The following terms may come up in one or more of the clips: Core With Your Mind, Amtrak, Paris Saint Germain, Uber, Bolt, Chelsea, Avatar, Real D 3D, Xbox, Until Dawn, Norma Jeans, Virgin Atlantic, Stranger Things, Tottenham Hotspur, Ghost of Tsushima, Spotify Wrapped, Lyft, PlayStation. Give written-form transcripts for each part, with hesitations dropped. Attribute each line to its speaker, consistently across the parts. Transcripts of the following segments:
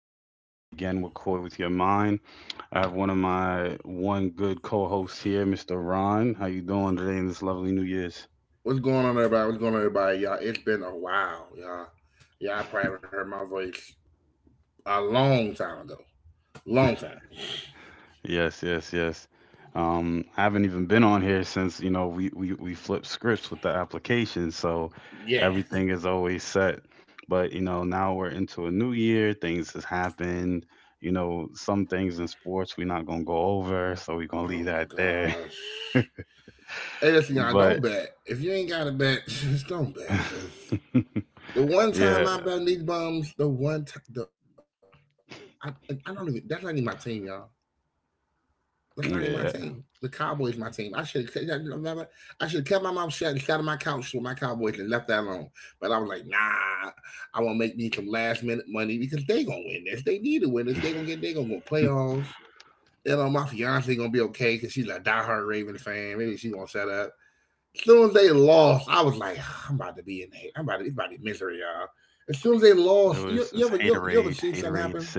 Speaker 1: back at it again with Core With Your Mind. I have one of my one good co-hosts here, Mr. Ron. How you doing today in this lovely New Year's?
Speaker 2: What's going on, everybody? What's going on, everybody? Y'all, it's been a while, y'all. Y'all probably haven't heard my voice a long time ago. Long time.
Speaker 1: Yes, yes, yes. I haven't even been on here since, you know, we flipped scripts with the application, so
Speaker 2: Yeah.
Speaker 1: everything is always set. But, you know, now we're into a new year, things has happened. You know, some things in sports we're not gonna go over, so we're gonna leave
Speaker 2: Oh
Speaker 1: that
Speaker 2: my
Speaker 1: there.
Speaker 2: gosh. Hey, listen, y'all,
Speaker 1: But
Speaker 2: don't bet. If you ain't got a bet, just don't bet. Cause the one
Speaker 1: yeah,
Speaker 2: time I bet on these bums, the one time, and I don't even, that's not even my team, y'all. That's not even my team. The
Speaker 1: yeah.
Speaker 2: Cowboys my team. I should have kept my mouth shut and sat on my couch with my Cowboys and left that alone. But I was like, nah, I want to make me some last minute money because they gonna win this. They need to win this. They gonna get. They gonna go playoffs. You know, my fiance gonna be okay because she's a diehard Raven fan. Maybe she gonna shut up. As soon as they lost, I was like, "Ah, I'm about to be in. It's about be misery, y'all. As soon as they
Speaker 1: It was
Speaker 2: lost,
Speaker 1: it's
Speaker 2: you, you ever
Speaker 1: haterade,
Speaker 2: you, you ever seen
Speaker 1: haterade
Speaker 2: something
Speaker 1: city.
Speaker 2: happen?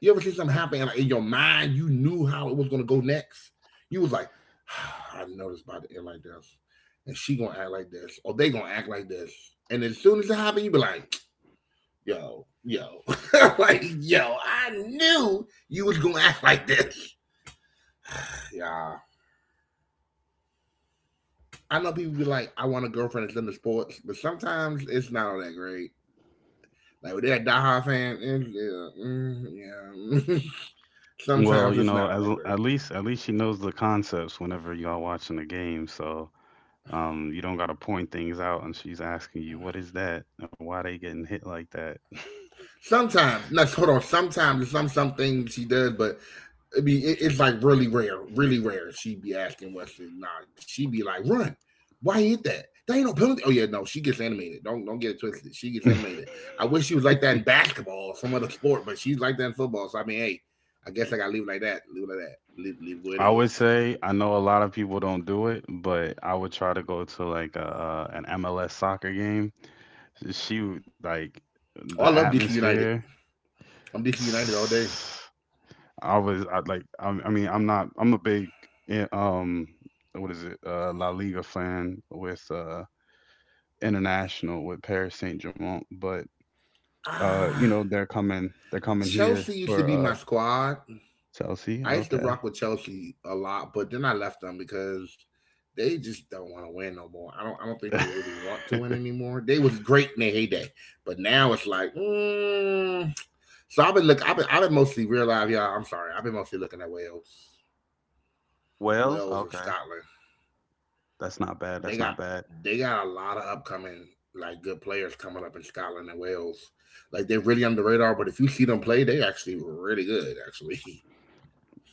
Speaker 2: You ever see something happen and like, in your mind you knew how it was gonna go next? You was like, ah, I know this about to end like this. And she gonna act like this, or they gonna act like this. And as soon as it happened, you be like, yo, yo. like, yo, I knew you was gonna act like this. Yeah. I know people be like, I want a girlfriend that's into sports, but sometimes it's not all that great. Like, with that diehard fan, yeah, mm, yeah.
Speaker 1: Well, you
Speaker 2: sometimes
Speaker 1: know,
Speaker 2: it's not
Speaker 1: as
Speaker 2: all that
Speaker 1: at
Speaker 2: great.
Speaker 1: least at least she knows the concepts whenever y'all watching the game, so you don't gotta point things out and she's asking you what is that and why they getting hit like that.
Speaker 2: Sometimes, no, hold on. Sometimes some things she does, but I mean, it's like really rare, really rare. She be asking Wesley, nah, she be like, run. Why hit that? There ain't no penalty. Oh yeah, no, she gets animated. Don't get it twisted. She gets animated. I wish she was like that in basketball or some other sport, but she's like that in football. So I mean, hey, I guess I gotta leave it like that. Leave it like that. Leave it
Speaker 1: I
Speaker 2: is.
Speaker 1: would say I know a lot of people don't do it, but I would try to go to like an MLS soccer game. She would, like the
Speaker 2: Oh, I love DC United.
Speaker 1: atmosphere.
Speaker 2: I'm DC United all day.
Speaker 1: I was I like I mean I'm not I'm a big eh, um what is it La Liga fan with international with Paris Saint Germain, but you
Speaker 2: Ah,
Speaker 1: know they're coming here
Speaker 2: Chelsea used to
Speaker 1: for
Speaker 2: be my squad.
Speaker 1: Chelsea.
Speaker 2: I used to
Speaker 1: Okay.
Speaker 2: rock with Chelsea a lot, but then I left them because they just don't want to win no more. I don't. I don't think they really want to win anymore. They was great in their heyday, but now it's like. Mm. So I've been look. I've been. I've been mostly realize, y'all. I'm sorry. I've been mostly looking at Wales,
Speaker 1: Wales,
Speaker 2: Wales and
Speaker 1: okay.
Speaker 2: Scotland.
Speaker 1: That's not bad.
Speaker 2: They
Speaker 1: That's
Speaker 2: got.
Speaker 1: not bad.
Speaker 2: They got a lot of upcoming like good players coming up in Scotland and Wales. Like they're really on the radar, but if you see them play, they actually really good. Actually.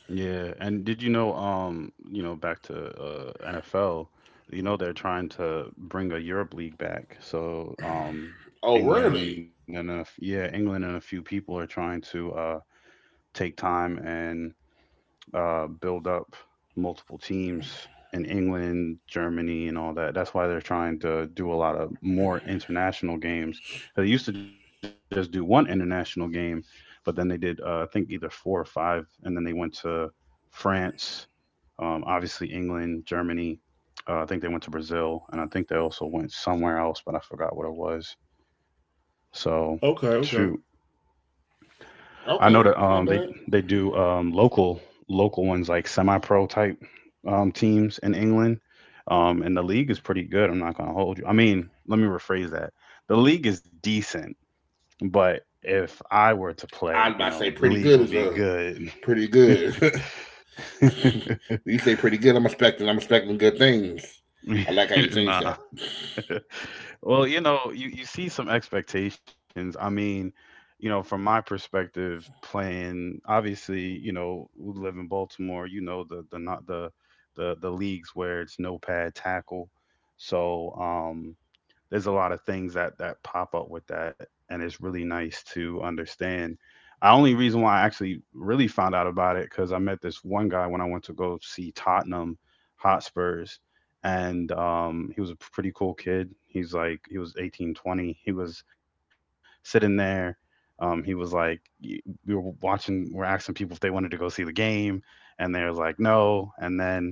Speaker 1: Yeah, and did you know, back to NFL, you know, they're trying to bring a Europe League back. So,
Speaker 2: Oh really?
Speaker 1: England and yeah, England and a few people are trying to take time and build up multiple teams in England, Germany, and all that. That's why they're trying to do a lot of more international games. 'Cause they used to just do one international game, but then they did, I think, either four or five, and then they went to France, obviously, England, Germany. I think they went to Brazil, and I think they also went somewhere else, but I forgot what it was. So,
Speaker 2: Okay,
Speaker 1: shoot,
Speaker 2: okay.
Speaker 1: I know that
Speaker 2: Okay, not
Speaker 1: they
Speaker 2: bad.
Speaker 1: do local ones, like semi-pro type teams in England, and the league is pretty good. I'm not gonna hold you. I mean, let me rephrase that. The league is decent, but if I were to
Speaker 2: I'm
Speaker 1: play, you
Speaker 2: about to say
Speaker 1: know, the
Speaker 2: pretty
Speaker 1: league
Speaker 2: good
Speaker 1: would
Speaker 2: is
Speaker 1: be
Speaker 2: a
Speaker 1: good.
Speaker 2: pretty good. when you say pretty good, I'm expecting good things. I like how you changed
Speaker 1: Nah.
Speaker 2: that.
Speaker 1: Well, you know, you see some expectations. I mean, you know, from my perspective, playing obviously, you know, we live in Baltimore, you know, the leagues where it's no pad tackle. So, there's a lot of things that that pop up with that, and it's really nice to understand. The only reason why I actually really found out about it, because I met this one guy when I went to go see Tottenham Hotspurs, and he was a pretty cool kid. He was 18, 20. He was sitting there. He was like We were watching, we're asking people if they wanted to go see the game, and they was like no, and then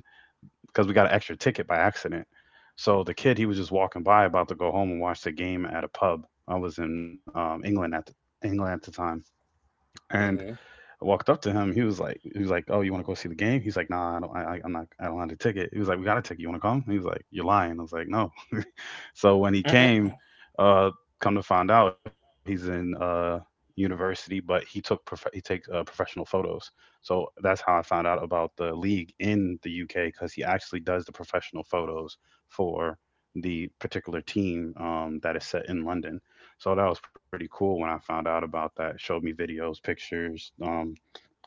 Speaker 1: because we got an extra ticket by accident. So the kid, he was just walking by, about to go home and watch the game at a pub. I was in England at the time, and
Speaker 2: Hmm.
Speaker 1: I walked up to him. He was like, "Oh, you want to go see the game?" He's like, "Nah, I don't. I- I'm not. I don't have the ticket." He was like, "We got a ticket. You want to come?" He was like, "You're lying." I was like, "No, so when he came, uh, come to find out, he's in university, but he he takes professional photos. So that's how I found out about the league in the UK, because he actually does the professional photos for the particular team that is set in London. So that was pretty cool when I found out about that. Showed me videos, pictures,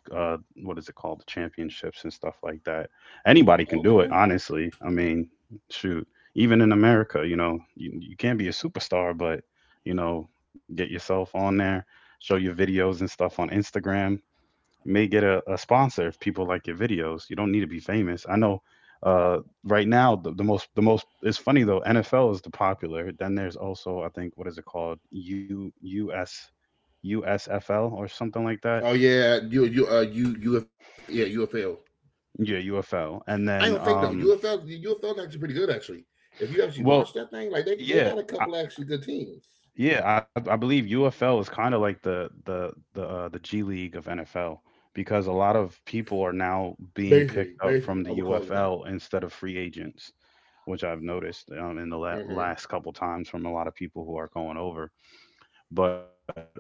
Speaker 1: uh what is it called, the championships and stuff like that. Anybody can do it,
Speaker 2: Okay.
Speaker 1: honestly. I mean, shoot, even in America, you know, you can't be a superstar, but you know, get yourself on there, show your videos and stuff on Instagram. You may get a sponsor if people like your videos. You don't need to be famous. I know, uh right now, the most, it's funny though, NFL is the popular, then there's also, I think, what is it called, u us USFL or something like that.
Speaker 2: Oh yeah, you you you yeah, UFL.
Speaker 1: Yeah, UFL.
Speaker 2: I
Speaker 1: And
Speaker 2: don't think
Speaker 1: then
Speaker 2: though UFL UFL is actually pretty good actually. If you actually
Speaker 1: well,
Speaker 2: watch that thing, like they
Speaker 1: yeah,
Speaker 2: got a
Speaker 1: I,
Speaker 2: couple actually good teams.
Speaker 1: I believe UFL is kind of like the G League of NFL, because a lot of people are now
Speaker 2: Basically,
Speaker 1: being
Speaker 2: basically, I
Speaker 1: picked
Speaker 2: would
Speaker 1: up
Speaker 2: call it
Speaker 1: from the
Speaker 2: that.
Speaker 1: UFL instead of free agents, which I've noticed in the
Speaker 2: Mm-hmm.
Speaker 1: last couple times from a lot of people who are going over. But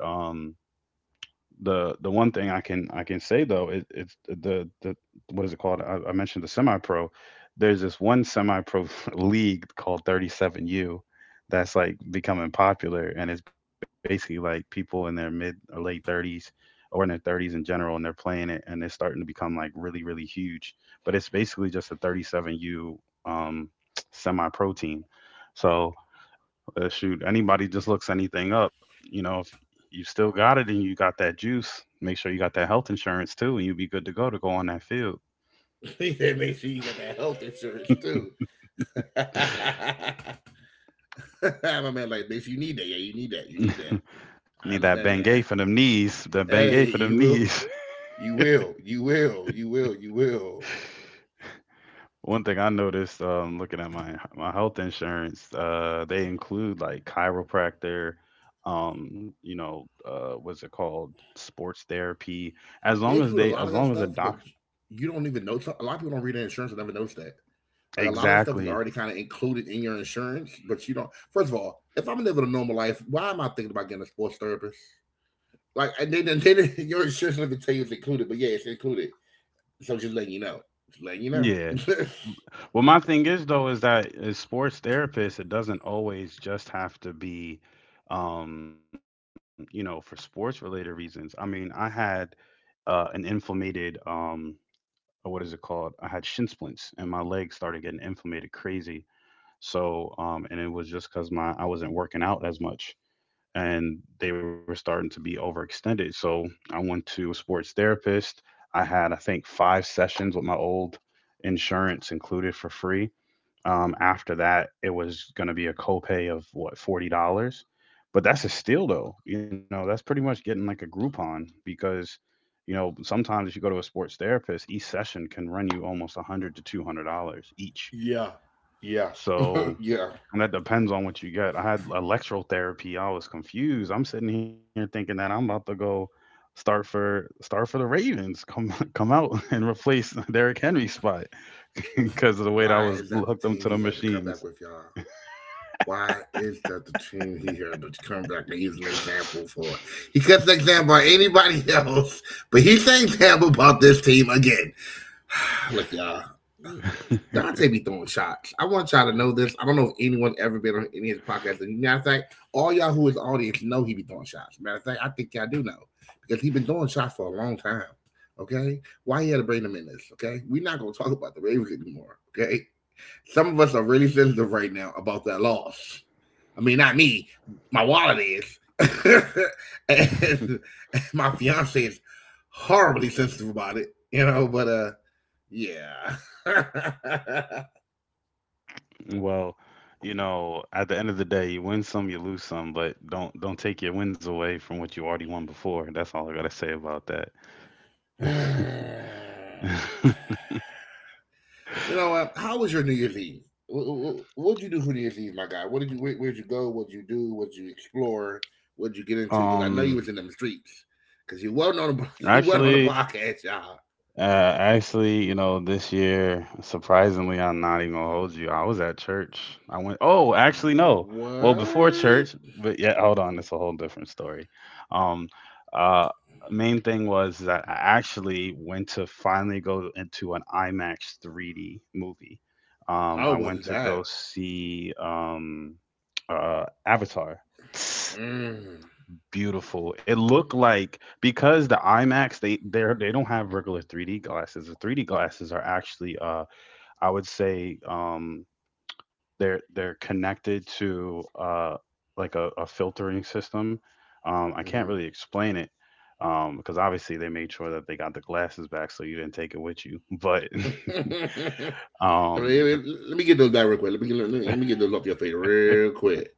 Speaker 1: the one thing I can say though, it's the what is it called? I mentioned the semi pro. There's this one semi pro league called 37U that's like becoming popular, and it's basically like people in their mid or late 30s or in their 30s in general, and they're playing it, and they're starting to become like really huge. But it's basically just a 37U um, semi pro team. So shoot, anybody just looks anything up. You know, if you still got it and you got that juice, make sure you got that health insurance too, and you'll be good to go on that field.
Speaker 2: yeah, make sure you got that health insurance too. My man, like, make sure you need that. Yeah, you need that. You need that. I
Speaker 1: Need that
Speaker 2: understand that.
Speaker 1: Bengay for them knees. The
Speaker 2: Hey,
Speaker 1: Bengay for
Speaker 2: you
Speaker 1: them
Speaker 2: will,
Speaker 1: knees.
Speaker 2: you will, you will, you will, you will.
Speaker 1: One thing I noticed, looking at my health insurance, they include like chiropractor, you know, what's it called, sports therapy.
Speaker 2: They include a lot
Speaker 1: As
Speaker 2: of that
Speaker 1: long as a
Speaker 2: stuff, but
Speaker 1: doctor,
Speaker 2: you don't even know. So, a lot of people don't read their insurance and never notice that. Like a lot of that stuff is
Speaker 1: exactly,
Speaker 2: already kind of included in your insurance, but you don't. First of all, if I'm living a normal life, why am I thinking about getting a sports therapist? Like, and then your insurance doesn't tell you it's included, but yeah, it's included. So just letting you know, just letting you know.
Speaker 1: yeah. Well, my thing is though, is that as sports therapists, it doesn't always just have to be, you know, for sports related reasons. I mean, I had an inflamed, or what is it called? I had shin splints, and my legs started getting inflamed crazy. So, and it was just because my I wasn't working out as much, and they were starting to be overextended. So I went to a sports therapist. I had, I think, five sessions with my old insurance included for free. After that, it was going to be a copay of what, $40, but that's a steal though. You know, that's pretty much getting like a Groupon, because, you know, sometimes if you go to a sports therapist, each session can run you almost $100 to $200 each.
Speaker 2: yeah, yeah,
Speaker 1: So,
Speaker 2: yeah.
Speaker 1: and that depends on what you get. I had electrotherapy. I was confused. I'm sitting here thinking that I'm about to go start for start for the Ravens. Come come out and replace Derrick Henry's spot because of the
Speaker 2: Why
Speaker 1: way that I
Speaker 2: is that
Speaker 1: was
Speaker 2: the team
Speaker 1: hooked up
Speaker 2: he
Speaker 1: to
Speaker 2: had
Speaker 1: the
Speaker 2: to come back with,
Speaker 1: machines.
Speaker 2: y'all? Why is that the team he had to come back and use an example for? He cuts an example on anybody else, but he's the example about this team again. Look, y'all, Dante be throwing shots. I want y'all to know this. I don't know if anyone's ever been on any of his podcasts. And matter of fact, all y'all who is audience know he be throwing shots. Matter of fact, I think y'all do know because he been throwing shots for a long time. Okay, why he had to bring them in this? Okay, we're not gonna talk about the Ravens anymore. Okay, some of us are really sensitive right now about that loss. I mean, not me. My wallet is. And my fiance is horribly sensitive about it, but yeah.
Speaker 1: Well, you know, at the end of the day, you win some, you lose some, but don't take your wins away from what you already won before. That's all I gotta say about that.
Speaker 2: You know what? How was your New Year's Eve? What did you do for New Year's Eve, my guy? What did you? Where, did you go? What'd you do? What'd you explore? What'd you get into? Because I
Speaker 1: Um,
Speaker 2: know you was in them streets. Because you wasn't on the you wasn't on the
Speaker 1: actually,
Speaker 2: podcast, y'all.
Speaker 1: Uh, actually, you know, this year, surprisingly, I'm not even gonna hold you. I was at church. I went. Oh, actually, no. Well, before
Speaker 2: What?
Speaker 1: church, but yeah, hold on, it's a whole different story. Um, uh, main thing was that I actually went to finally go into an IMAX 3D movie.
Speaker 2: How
Speaker 1: I went
Speaker 2: was
Speaker 1: to go
Speaker 2: that?
Speaker 1: see Avatar.
Speaker 2: Mm.
Speaker 1: Beautiful. It looked like, because the IMAX, they don't have regular 3D glasses. The 3D glasses are actually, I would say they're connected to like a filtering system. I can't
Speaker 2: Mhm.
Speaker 1: really explain it, because obviously they made sure that they got the glasses back, so you didn't take it with you. But
Speaker 2: let, me,
Speaker 1: um but,
Speaker 2: let me get those back real quick. Let me get those off your face real quick,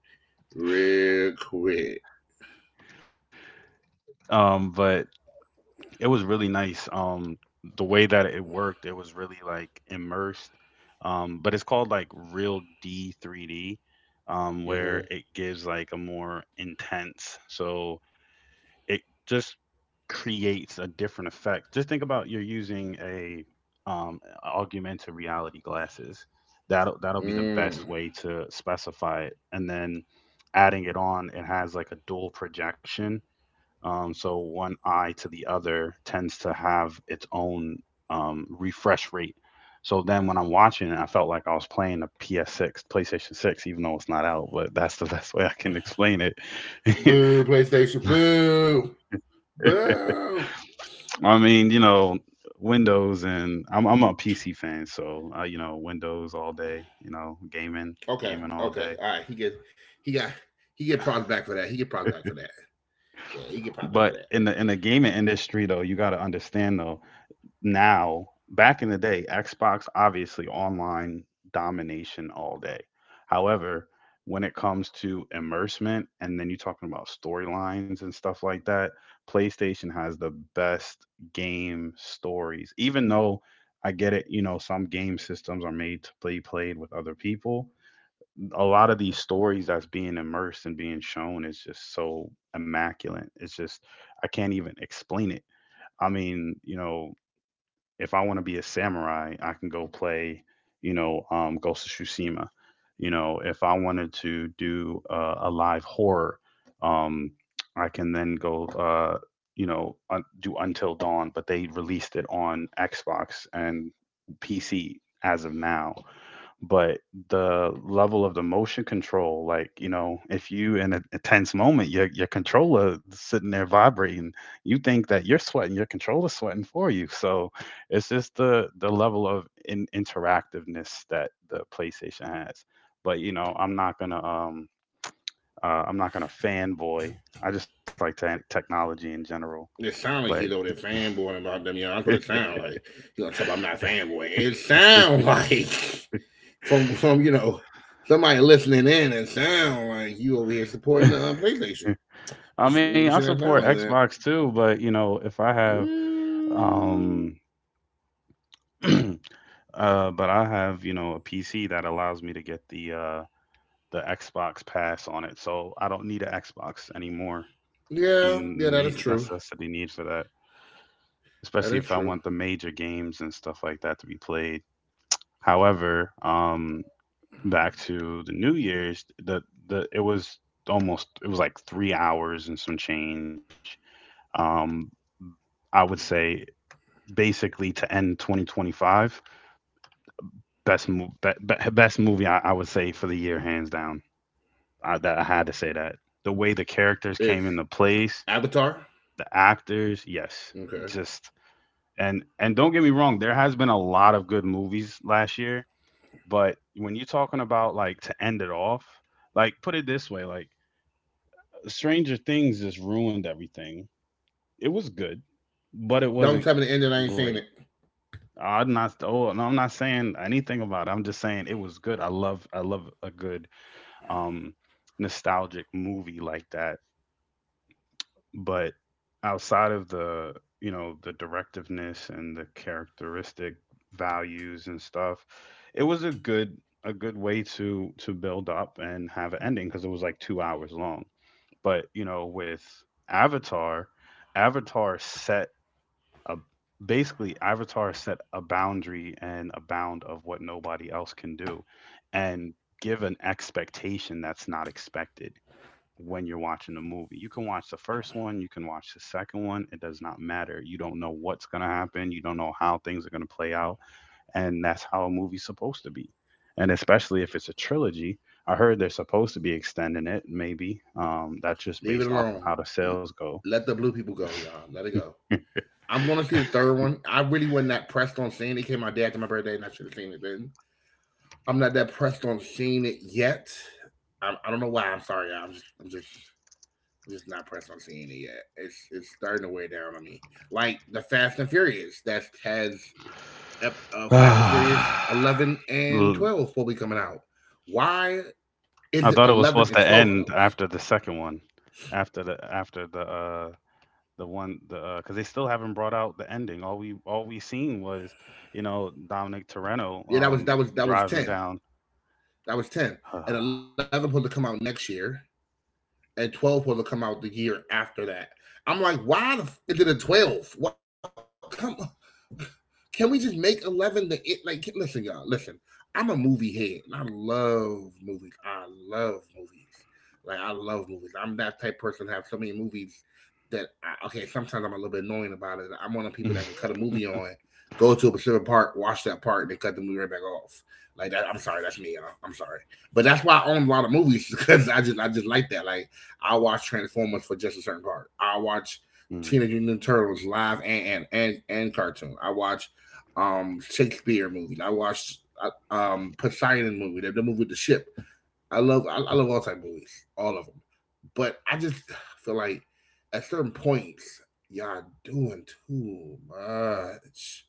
Speaker 2: real quick.
Speaker 1: but it was really nice. The way that it worked, it was really like immersed. But it's called like Real D 3D, where
Speaker 2: Mhm.
Speaker 1: it gives like a more intense. So it just creates a different effect. Just think about you're using a augmented reality glasses. That'll be the best
Speaker 2: Mm.
Speaker 1: way to specify it, and then adding it on, it has like a dual projection, so one eye to the other tends to have its own refresh rate. So then when I'm watching it, I felt like I was playing a PS6, PlayStation 6, even though it's not out, but that's the best way I can explain it.
Speaker 2: Boo, PlayStation. Boo, boo.
Speaker 1: I mean, you know, Windows and I'm a PC fan, so you know, Windows all day, you know, gaming,
Speaker 2: Okay,
Speaker 1: gaming all day.
Speaker 2: okay. All right. He got he get props back for that. He get props back for that. Yeah,
Speaker 1: But
Speaker 2: he get
Speaker 1: in
Speaker 2: props
Speaker 1: the
Speaker 2: back
Speaker 1: in
Speaker 2: for
Speaker 1: the
Speaker 2: that.
Speaker 1: gaming industry though, you got to understand though, now back in the day, Xbox obviously online domination all day. However, when it comes to immersement, and then you're talking about storylines and stuff like that, PlayStation has the best game stories. Even though, I get it, you know, some game systems are made to be played with other people, a lot of these stories that's being immersed and being shown is just so immaculate. It's just, I can't even explain it. I mean, you know, if I want to be a samurai, I can go play, you know, Ghost of Tsushima. You know, if I wanted to do a live horror, um, I can then go, you know, do Until Dawn. But they released it on Xbox and PC as of now. But the level of the motion control, like, you know, if you in a tense moment, your controller is sitting there vibrating, you think that you're sweating, your controller's sweating for you. So it's just the level of interactiveness that the PlayStation has. But you know, I'm not going to I'm not going to fanboy. I just like technology in general.
Speaker 2: It sound like
Speaker 1: But
Speaker 2: he's over there fanboying about them, y'all. That's what it sound like. You know, talk about I'm not fanboying. It sound like from somebody listening in and sound like you over here supporting the PlayStation.
Speaker 1: I
Speaker 2: Just
Speaker 1: mean,
Speaker 2: making
Speaker 1: I
Speaker 2: sure that sound
Speaker 1: support
Speaker 2: like that.
Speaker 1: Xbox too, but you know, if I have
Speaker 2: Mm,
Speaker 1: um but I have, you know, a PC that allows me to get the the Xbox Pass on it, so I don't need an Xbox anymore,
Speaker 2: yeah,
Speaker 1: and the
Speaker 2: yeah, that is true.
Speaker 1: necessity need for that,
Speaker 2: That
Speaker 1: especially
Speaker 2: is
Speaker 1: if I
Speaker 2: true.
Speaker 1: want the major games and stuff like that to be played. However, back to the New Year's, the it was almost, it was like 3 hours and some change. Um, I would say basically to end 2025, best mo- be- best movie, I would say, for the year hands down. I, that I had to say that the way the characters
Speaker 2: It's
Speaker 1: came into place,
Speaker 2: Avatar.
Speaker 1: the actors, yes,
Speaker 2: Okay.
Speaker 1: just. And don't get me wrong, there has been a lot of good movies last year, but when you're talking about like to end it off, like put it this way, like Stranger Things just ruined everything. It was good, but it
Speaker 2: Don't
Speaker 1: wasn't
Speaker 2: tell me the end that I ain't seen it.
Speaker 1: great. I'm not, oh no, I'm not saying anything about it. I'm just saying it was good. I love, I love a good um nostalgic movie like that. But outside of you know, the directiveness and the characteristic values and stuff, it was a good, a good way to build up and have an ending, because it was like 2 hours long. But, you know, with Avatar, Avatar set a basically Avatar set a boundary and a bound of what nobody else can do, and give an expectation that's not expected when you're watching the movie. You can watch the first one, you can watch the second one, it does not matter. You don't know what's going to happen, you don't know how things are going to play out, and that's how a movie's supposed to be. And especially if it's a trilogy, I heard they're supposed to be extending it maybe. That's just
Speaker 2: Leave it
Speaker 1: based off of
Speaker 2: alone.
Speaker 1: how the sales go.
Speaker 2: Let the blue people go, y'all. Let it go. I'm gonna see the third one. I really wasn't that pressed on seeing it. It came out day after my birthday, and I should have seen it then. I'm not that pressed on seeing it yet. I don't know why. I'm sorry, y'all. I'm just not pressed on seeing it yet. It's starting to wear down on me. Like the Fast and Furious that has Fast and Furious 11 and
Speaker 1: L-
Speaker 2: 12 will be coming out. Why is
Speaker 1: I
Speaker 2: it
Speaker 1: thought it was
Speaker 2: 11
Speaker 1: supposed
Speaker 2: and
Speaker 1: to
Speaker 2: 12 of
Speaker 1: end
Speaker 2: those?
Speaker 1: after the second one, after the one, the 'cause because they still haven't brought out the ending. All, we all we seen was, you know, Dominic Torreno
Speaker 2: Yeah, that was that was that was
Speaker 1: driving
Speaker 2: ten.
Speaker 1: down.
Speaker 2: That was ten. And 11 supposed to come out next year. And 12 was to come out the year after that. I'm like, why the is it a 12? What come? Can we just make 11 the it? Like, listen, y'all, listen. I'm a movie head and I love movies. I love movies. Like, I love movies. I'm that type of person that have so many movies that, I, okay, sometimes I'm a little bit annoying about it. I'm one of the people that can cut a movie on, go to a Pacific Park, watch that part, and then cut the movie right back off. Like, that, I'm sorry, that's me, y'all. I'm sorry. But that's why I own a lot of movies because I just like that. Like I watch Transformers for just a certain part. I watch
Speaker 1: Mm,
Speaker 2: Teenage Mutant Ninja Turtles live and cartoon. I watch Shakespeare movies. I watch Poseidon movie, the movie with the ship. I love I love all type of movies, all of them. But I just feel like at certain points y'all doing too much.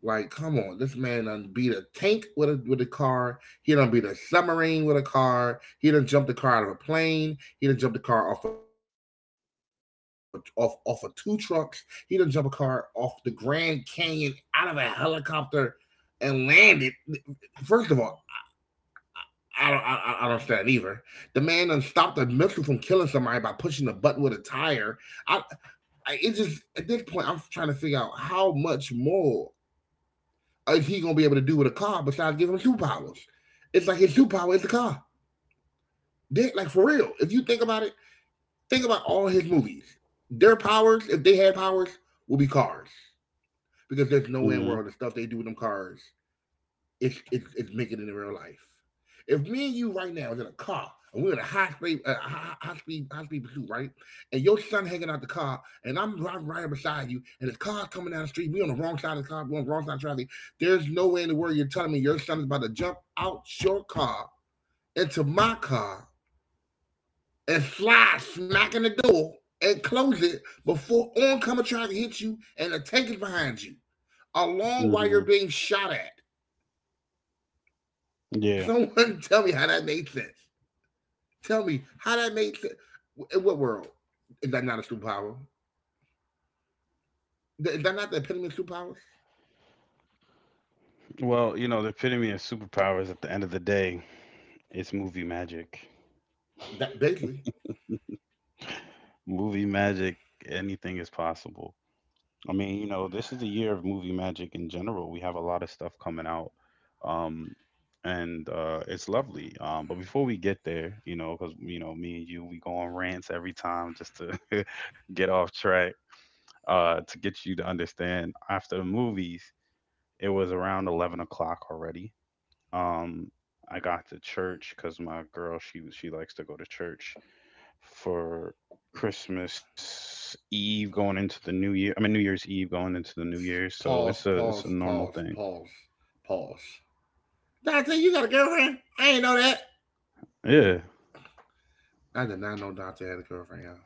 Speaker 2: Like, come on, this man done beat a tank with a car. He done beat a submarine with a car. He done jumped a car out of a plane. He done jumped a car off of two trucks. He done jumped a car off the Grand Canyon out of a helicopter and landed. First of all, I don't understand either. The man done stopped a missile from killing somebody by pushing the button with a tire. I, I it just at this point I'm trying to figure out how much more is he gonna be able to do with a car besides giving him superpowers? It's like his superpower is the car. Dick, like for real. If you think about it, think about all his movies. Their powers, if they had powers, will be cars. Because there's nowhere in the
Speaker 1: mhm,
Speaker 2: world the stuff they do with them cars it's making it in real life. If me and you right now is in a car and we're in a high speed, high speed pursuit, right? And your son hanging out the car, and I'm driving right beside you, and the car's coming down the street. We on the wrong side of the car. We on the wrong side of traffic. There's no way in the world you're telling me your son is about to jump out your car into my car and slide smack in the door and close it before oncoming traffic hits you and the tank is behind you, along while you're
Speaker 1: mhm.
Speaker 2: being shot at.
Speaker 1: Yeah.
Speaker 2: Someone tell me how that made sense. Tell me how that made sense. In what world is that not a superpower? Is that not the epitome of superpowers?
Speaker 1: Well, you know, the epitome of superpowers at the end of the day, it's movie magic.
Speaker 2: That basically
Speaker 1: Movie magic, anything is possible. I mean, you know, this is the year of movie magic in general. We have a lot of stuff coming out, um, and it's lovely. But before we get there, you know, because you know, me and you, we go on rants every time just to get off track. To get you to understand, after the movies, it was around 11 o'clock already. Um, I got to church because my girl, she likes to go to church for Christmas Eve going into the New Year. I mean, New Year's Eve going into the New Year. So
Speaker 2: pause,
Speaker 1: it's
Speaker 2: pause,
Speaker 1: a normal
Speaker 2: pause,
Speaker 1: thing.
Speaker 2: pause, pause. Dante, you got a girlfriend? I ain't know that.
Speaker 1: Yeah.
Speaker 2: I did not know Dante had a girlfriend, y'all.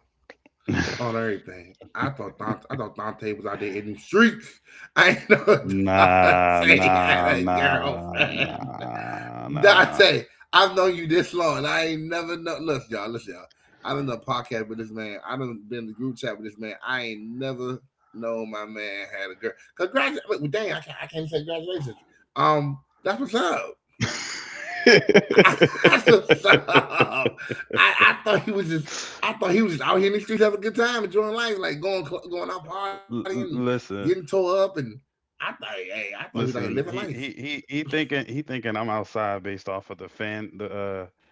Speaker 2: On everything, I thought Dante was out there in the streets. I ain't know
Speaker 1: Nah,
Speaker 2: Dante had
Speaker 1: nah,
Speaker 2: a
Speaker 1: nah,
Speaker 2: girlfriend.
Speaker 1: nah, nah.
Speaker 2: Dante, I've known you this long, and I ain't never know. Look, y'all, listen, y'all. I done done podcast with this man. I done been in the group chat with this man. I ain't never known my man had a girl. Congratulations. Well, dang, I can't say congratulations. Um, that's what's up. That's what's up. I thought he was just. I thought he was just out here in the streets having a good time, enjoying life, like going out
Speaker 1: L- l-
Speaker 2: partying and
Speaker 1: listen,
Speaker 2: getting tore up. And I thought, hey, I thought he was out here
Speaker 1: listen.
Speaker 2: living
Speaker 1: He he
Speaker 2: life.
Speaker 1: he he thinking he thinking I'm outside based off of the fan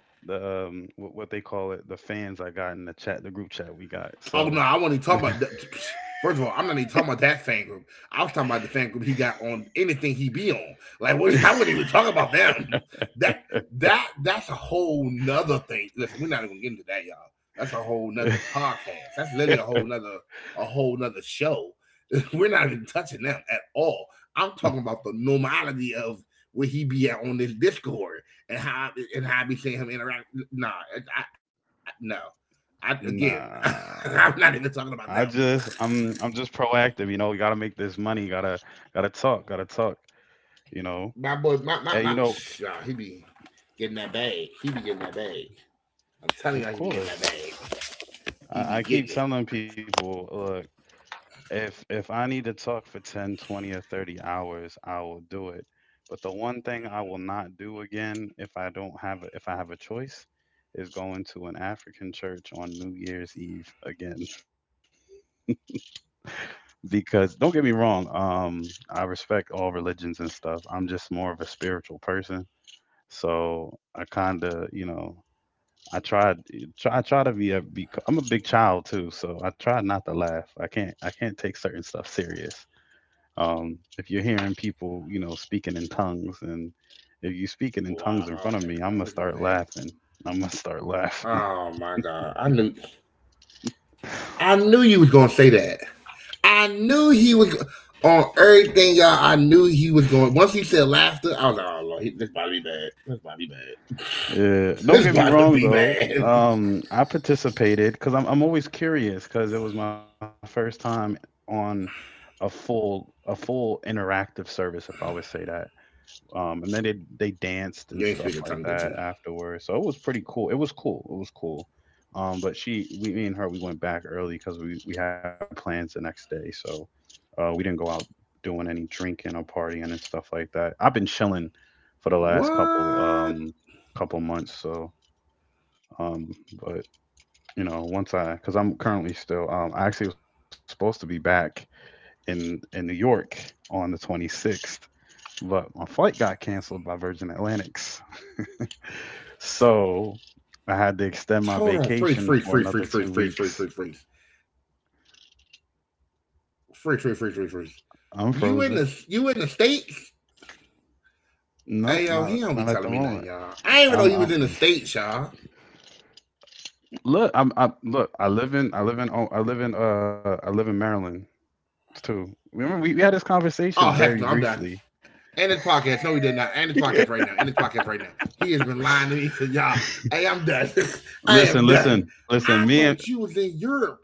Speaker 1: the what they call it, the fans I got in the group chat we got.
Speaker 2: Oh no,
Speaker 1: So
Speaker 2: I wasn't even talking about that. First of all, I'm not even talking about that fan group. I was talking about the fan group he got on anything he be on. Like, what, I wouldn't even talk about them. That that's a whole nother thing. Listen, we're not even gonna get into that, y'all. That's a whole nother podcast. That's literally a whole nother show. We're not even touching them at all. I'm talking about the normality of where he be at on this Discord and how I be seeing him interact. Nah, I, no, I again,
Speaker 1: nah,
Speaker 2: I'm not
Speaker 1: I
Speaker 2: even talking
Speaker 1: just,
Speaker 2: about them.
Speaker 1: I'm just proactive, you know. You gotta make this money, gotta talk, you know.
Speaker 2: My boy, my
Speaker 1: And
Speaker 2: my
Speaker 1: you
Speaker 2: my,
Speaker 1: know,
Speaker 2: Shaw, he be getting that bag. He be getting that bag. I'm telling
Speaker 1: of
Speaker 2: y'all, he be getting that
Speaker 1: course,
Speaker 2: bag. He be
Speaker 1: I keep
Speaker 2: getting it.
Speaker 1: telling people, look, if I need to talk for 10, 20, or 30 hours, I will do it. But the one thing I will not do again, if I don't have a, if I have a choice, is going to an African church on New Year's Eve again. Because don't get me wrong, I respect all religions and stuff. I'm just more of a spiritual person, so I kind of, you know, I try to be I'm a big child too, so I try not to laugh. I can't take certain stuff serious. If you're hearing people, you know, speaking in tongues,
Speaker 2: Wow.
Speaker 1: and
Speaker 2: Oh heck,
Speaker 1: if
Speaker 2: no,
Speaker 1: you're
Speaker 2: this was
Speaker 1: speaking in
Speaker 2: bad.
Speaker 1: tongues in front of me, I'm gonna start laughing.
Speaker 2: Oh
Speaker 1: I'm
Speaker 2: my
Speaker 1: gonna start
Speaker 2: god,
Speaker 1: laughing.
Speaker 2: I knew you was gonna say that. I knew he was on everything, y'all. I knew he was going. Once he said laughter, I was like, oh lord, this about to be bad. This about to be bad. This about to
Speaker 1: Yeah,
Speaker 2: be
Speaker 1: don't get me
Speaker 2: bad.
Speaker 1: wrong though. I participated because I'm always curious, because it was my first time on a full interactive service, if I would say that. And then they
Speaker 2: You
Speaker 1: danced
Speaker 2: ain't
Speaker 1: and
Speaker 2: speaking
Speaker 1: stuff
Speaker 2: tongue,
Speaker 1: like
Speaker 2: did you?
Speaker 1: that afterwards. So it was pretty cool. It was cool. It was cool. But me and her, we went back early because we had plans the next day. So we didn't go out doing any drinking or partying and stuff like that. I've been chilling for the last couple
Speaker 2: What?
Speaker 1: couple months. So um, but you know, because I'm currently still, I actually was supposed to be back in New York on the 26th, but my flight got canceled by Virgin Atlantic's. So I had to extend
Speaker 2: Hold
Speaker 1: my
Speaker 2: on, freeze, freeze,
Speaker 1: vacation
Speaker 2: freeze,
Speaker 1: for
Speaker 2: freeze,
Speaker 1: another
Speaker 2: freeze, freeze,
Speaker 1: two
Speaker 2: freeze, freeze,
Speaker 1: weeks.
Speaker 2: freeze, freeze, freeze, freeze, freeze, freeze.
Speaker 1: I'm
Speaker 2: You in
Speaker 1: frozen.
Speaker 2: the states? Hey
Speaker 1: Nope,
Speaker 2: yo, he
Speaker 1: not
Speaker 2: don't be
Speaker 1: not at the
Speaker 2: telling me nothing,
Speaker 1: moment.
Speaker 2: y'all. I didn't even know he was
Speaker 1: I'm
Speaker 2: in the states, y'all.
Speaker 1: look. I'm, I look. I live in. I live in. Oh, I live in. I live in Maryland too. Remember, we had this conversation
Speaker 2: Oh
Speaker 1: very
Speaker 2: heck no, I'm done.
Speaker 1: briefly.
Speaker 2: End this podcast. No, he did not. End this podcast right now. End this podcast right now. He has been lying to me for y'all. Hey, I'm done. I am
Speaker 1: Listen,
Speaker 2: done.
Speaker 1: listen, listen.
Speaker 2: I
Speaker 1: Me and
Speaker 2: thought you was in Europe.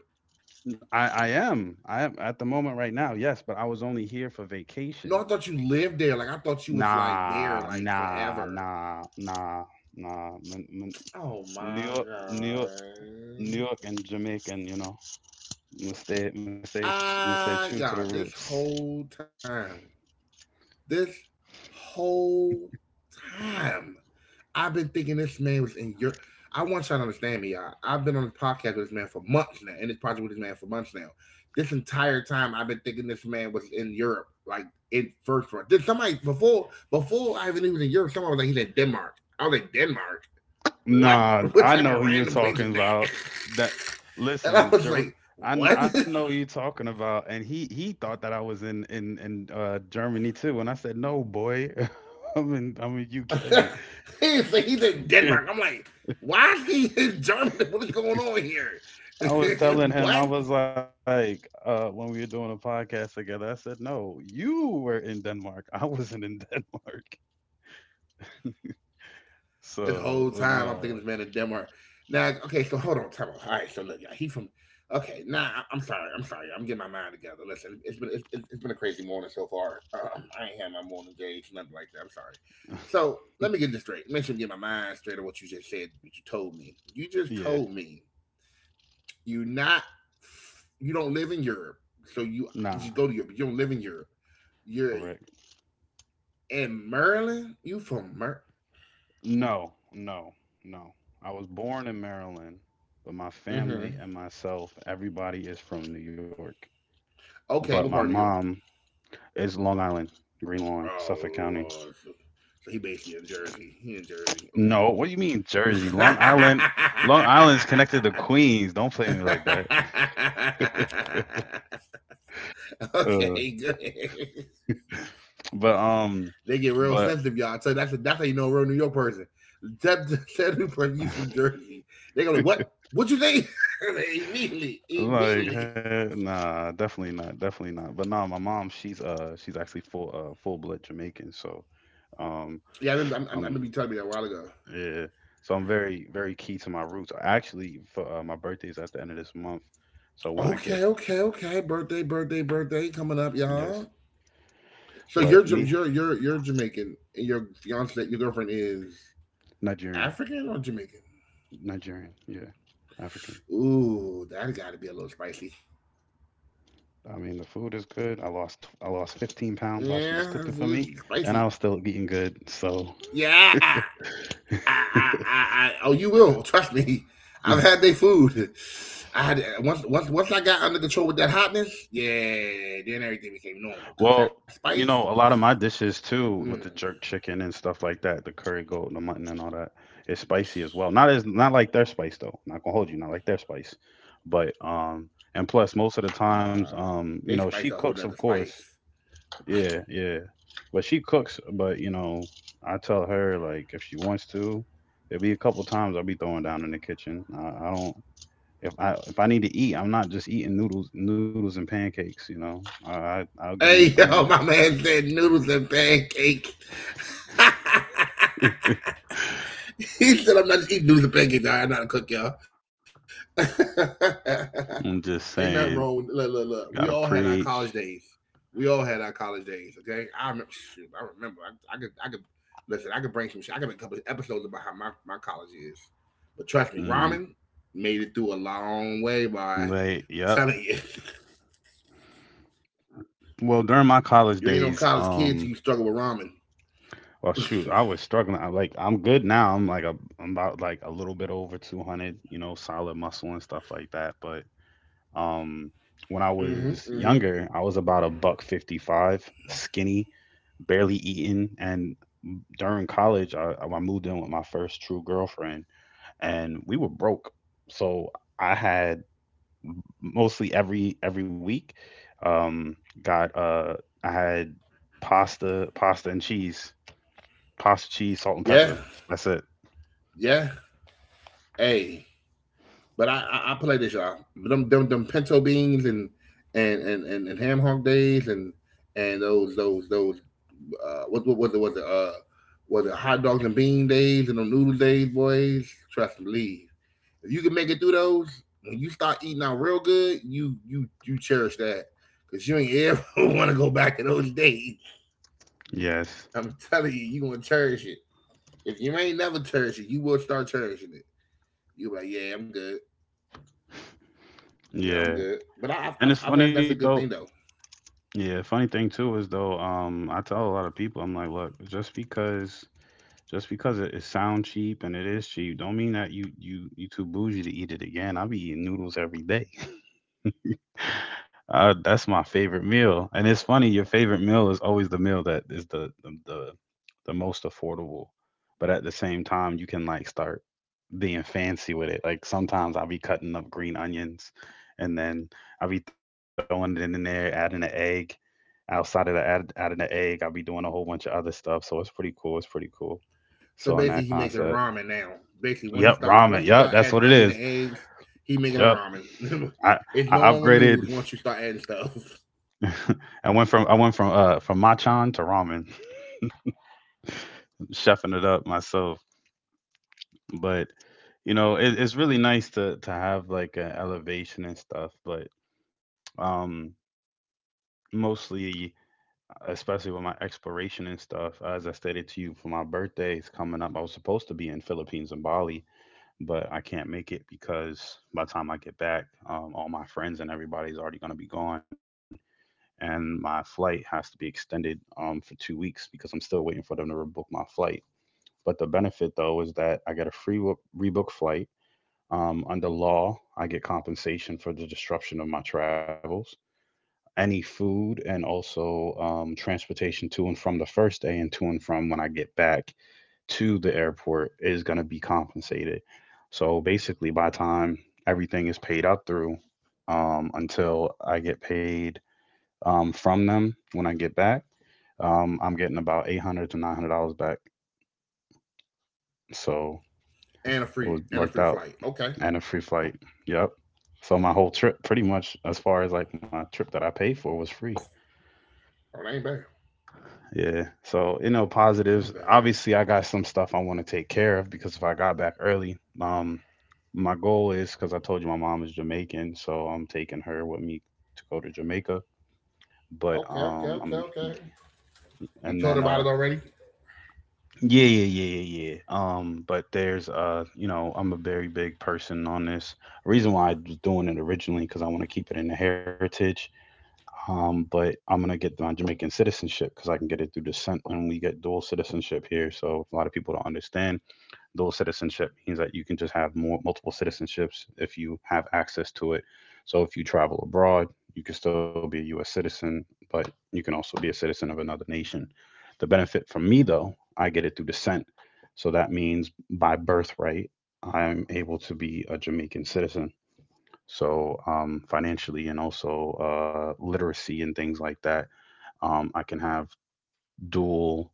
Speaker 1: I am. I am at the moment right now. Yes, but I was only here for
Speaker 2: No,
Speaker 1: vacation.
Speaker 2: I thought you lived there. Like I thought you was like there
Speaker 1: Nah,
Speaker 2: like
Speaker 1: nah,
Speaker 2: forever.
Speaker 1: nah, nah, nah.
Speaker 2: Oh
Speaker 1: New
Speaker 2: my
Speaker 1: York, New York, New
Speaker 2: god.
Speaker 1: York, and Jamaican. You know, me stay, me stay, me stay true
Speaker 2: Ah,
Speaker 1: to the
Speaker 2: yeah,
Speaker 1: roots.
Speaker 2: this whole time, I've been thinking this man was in Europe. I want y'all to understand me, y'all. I've been on this podcast with this man for months now, and this project with this man for months now. This entire time, I've been thinking this man was in Europe, like in first run. Did somebody before I even knew he was in Europe? Someone was like, he's in Denmark. I was like, Denmark? What?
Speaker 1: Nah,
Speaker 2: What
Speaker 1: I
Speaker 2: type
Speaker 1: know
Speaker 2: of
Speaker 1: who you're
Speaker 2: random place
Speaker 1: talking
Speaker 2: is that?
Speaker 1: about. That
Speaker 2: And I
Speaker 1: listen,
Speaker 2: was like, what?
Speaker 1: I know who you're talking about, and he thought that I was in Germany too, and I said, no, boy, I'm in, I'm in UK.
Speaker 2: He's in Denmark. I'm like, why is he in Germany? What is going on here?
Speaker 1: I was telling him, I
Speaker 2: What?
Speaker 1: was like, when we were doing a podcast together, I said, no, you were in Denmark. I wasn't in Denmark.
Speaker 2: This whole
Speaker 1: So,
Speaker 2: time I'm thinking
Speaker 1: no.
Speaker 2: this man in Denmark. Now, okay, so hold on, time out. All right, so look, yeah, he from. Okay, I'm sorry, I'm getting my mind together. Listen, it's been a crazy morning so far. I ain't had my morning days, nothing like that. I'm sorry. So let me get this straight. Make sure I'm getting my mind straight on what you just said. What you told me. You just
Speaker 1: Yeah.
Speaker 2: told me you're not. You don't live in Europe, so you
Speaker 1: Nah.
Speaker 2: just go to Europe. You don't live in Europe. You're
Speaker 1: Correct.
Speaker 2: in Maryland. You from Mer?
Speaker 1: No, No. I was born in Maryland, but my
Speaker 2: Mm-hmm.
Speaker 1: family and myself, everybody is from New York. But
Speaker 2: Okay,
Speaker 1: my
Speaker 2: what part of New York?
Speaker 1: mom is Long Island, Green Lawn, Suffolk
Speaker 2: Oh
Speaker 1: County.
Speaker 2: Lord. So he basically in Jersey. He in Jersey. Okay.
Speaker 1: No, what do you mean Jersey? Long Island. Long Island's connected to Queens. Don't play me like that.
Speaker 2: Okay, good.
Speaker 1: But
Speaker 2: They get real
Speaker 1: but
Speaker 2: sensitive, y'all. That's how you know a real New York person. Tell tell the person you from Jersey. They go like, what? What you think? Immediately,
Speaker 1: like,
Speaker 2: immediately.
Speaker 1: heck nah, definitely not, definitely not. But nah, my mom, she's actually full full blood Jamaican, so um,
Speaker 2: Yeah, I remember.
Speaker 1: um,
Speaker 2: Remember you telling me that a while ago.
Speaker 1: yeah, so I'm very very key to my roots. Actually, for my birthday's at the end of this month, so when I get
Speaker 2: Okay, okay, okay. Birthday, birthday, birthday coming up,
Speaker 1: yes,
Speaker 2: y'all. So
Speaker 1: but
Speaker 2: you're
Speaker 1: me
Speaker 2: you're Jamaican, and your fiance, your girlfriend is
Speaker 1: Nigerian,
Speaker 2: African or Jamaican?
Speaker 1: Nigerian, yeah, African.
Speaker 2: Ooh, that got to be a little spicy.
Speaker 1: I mean, the food is good. I lost 15 pounds
Speaker 2: Yeah,
Speaker 1: while she was
Speaker 2: it's
Speaker 1: cooking for me,
Speaker 2: spicy.
Speaker 1: and I was still eating good.
Speaker 2: Yeah,
Speaker 1: So
Speaker 2: I, I, I, I, oh, you will trust me. I've had their food. I had once I got under control with that hotness. Yeah, then everything became normal
Speaker 1: well,
Speaker 2: because that
Speaker 1: you
Speaker 2: spice.
Speaker 1: know, a lot of my dishes too,
Speaker 2: Mm,
Speaker 1: with the jerk chicken and stuff like that, the curry goat and the mutton and all that, is spicy as well. Not as, not like their spice though. Not gonna hold you, not like their spice. But and plus most of the
Speaker 2: nah,
Speaker 1: times,
Speaker 2: they
Speaker 1: you
Speaker 2: spice
Speaker 1: know,
Speaker 2: a whole
Speaker 1: she
Speaker 2: nother
Speaker 1: cooks of
Speaker 2: spice.
Speaker 1: course. Yeah, yeah. But she cooks, but you know, I tell her, like, if she wants to, there'll be a couple times I'll be throwing down in the kitchen. I don't, if I need to eat, I'm not just eating noodles and pancakes. You know, I I'll give you
Speaker 2: Hey
Speaker 1: something.
Speaker 2: yo, my man said noodles and pancakes. He said I'm not just eating noodles and pancakes. Nah, I'm not a cook, y'all.
Speaker 1: I'm
Speaker 2: Ain't
Speaker 1: just
Speaker 2: nothing wrong with
Speaker 1: saying,
Speaker 2: look. We all had
Speaker 1: gotta
Speaker 2: our college
Speaker 1: preach.
Speaker 2: days. We all had our college days. Okay, I remember. Shoot, I remember. I could listen. I could bring some shit. I could make a couple episodes about how my college is. But trust me,
Speaker 1: Mm,
Speaker 2: ramen made it through a long way, boy. I'm
Speaker 1: Like, yep.
Speaker 2: telling you,
Speaker 1: Well,
Speaker 2: you ain't no
Speaker 1: during my
Speaker 2: college
Speaker 1: college
Speaker 2: kid till you
Speaker 1: days,
Speaker 2: struggle with ramen.
Speaker 1: well, shoot, I was struggling. I'm good now. I'm like, I'm about like a little bit over 200, you know, solid muscle and stuff like that. Um,
Speaker 2: Mm-hmm,
Speaker 1: when I
Speaker 2: mm-hmm.
Speaker 1: was younger, I was about a buck 55, skinny, barely eating, and during college, I moved in with my first true girlfriend, and we were broke. So I had mostly every week, um, got I had pasta, pasta and cheese, pasta, cheese, salt and
Speaker 2: Yeah,
Speaker 1: pepper. That's it.
Speaker 2: yeah. Hey, but I play this y'all. Them pinto beans and and ham hock days and those uh, what what what the what the uh, what the hot dogs and bean days and the noodle days, boys. Trust and believe. If you can make it through those, when you start eating out real good, you cherish that because you ain't ever want to go back to those days.
Speaker 1: Yes.
Speaker 2: I'm telling you, you gonna cherish it. If you ain't never cherish it, you will start cherishing it. You be like, yeah, I'm good. You know, I'm good.
Speaker 1: Yeah.
Speaker 2: But
Speaker 1: And
Speaker 2: I
Speaker 1: it's
Speaker 2: think
Speaker 1: funny
Speaker 2: that's a good
Speaker 1: though.
Speaker 2: thing though.
Speaker 1: Yeah, funny thing too is though, I tell a lot of people, I'm like, look, just because it sounds cheap and it is cheap, don't mean that you too bougie to eat it again. I be eating noodles every day. That's my favorite meal, and it's funny. Your favorite meal is always the meal that is the most affordable, but at the same time, you can like start being fancy with it. Like sometimes I'll be cutting up green onions, and then I'll be throwing it in there, adding an egg. Outside of adding the egg, I'll be doing a whole bunch of other stuff. So it's pretty cool. It's pretty cool.
Speaker 2: So
Speaker 1: So in
Speaker 2: basically,
Speaker 1: that
Speaker 2: he making
Speaker 1: concept,
Speaker 2: ramen now. Basically, once
Speaker 1: yep, ramen.
Speaker 2: he
Speaker 1: Yep,
Speaker 2: start
Speaker 1: that's
Speaker 2: adding
Speaker 1: what it
Speaker 2: onions and
Speaker 1: is.
Speaker 2: eggs, he making a
Speaker 1: Yep,
Speaker 2: ramen.
Speaker 1: I
Speaker 2: It's no
Speaker 1: I
Speaker 2: longer noodles
Speaker 1: upgraded.
Speaker 2: once you start adding stuff.
Speaker 1: I went from machan to ramen. Chefing it up myself. But you know, it's really nice to have like an elevation and stuff. But um, mostly, especially with my exploration and stuff, as I stated to you, for my birthdays coming up, I was supposed to be in Philippines and Bali, but I can't make it because by the time I get back, all my friends and everybody's already gonna be gone. And my flight has to be extended for 2 weeks because I'm still waiting for them to rebook my flight. But the benefit though is that I get a rebook flight. Under law, I get compensation for the disruption of my travels, any food, and also transportation to and from the first day and to and from when I get back to the airport is going to be compensated. So basically, by the time everything is paid up through until I get paid from them when I get back, I'm getting about eight hundred to nine hundred dollars back. So
Speaker 2: And a
Speaker 1: it was worked
Speaker 2: free
Speaker 1: out
Speaker 2: flight. Okay,
Speaker 1: and a free flight. Yep. So my whole trip, pretty much as far as like my trip that I paid for, was free.
Speaker 2: oh that ain't bad.
Speaker 1: Yeah. So you know,
Speaker 2: That ain't bad at
Speaker 1: positives.
Speaker 2: all.
Speaker 1: Obviously, I got some stuff I want to take care of because if I got back early, my goal is because I told you my mom is Jamaican, so I'm taking her with me to go to Jamaica. But
Speaker 2: Okay, okay,
Speaker 1: I'm
Speaker 2: okay, okay.
Speaker 1: and
Speaker 2: You
Speaker 1: then
Speaker 2: told about it already.
Speaker 1: yeah, yeah, yeah, yeah, yeah. But there's you know, I'm a very big person on this. Reason why I was doing it originally because I want to keep it in the heritage. But I'm gonna get my Jamaican citizenship because I can get it through descent, and we get dual citizenship here. So a lot of people don't understand dual citizenship means that you can just have more multiple citizenships if you have access to it. So if you travel abroad, you can still be a U.S. citizen, but you can also be a citizen of another nation. The benefit for me, though, I get it through descent, so that means by birthright, I'm able to be a Jamaican citizen so financially and also literacy and things like that, I can have dual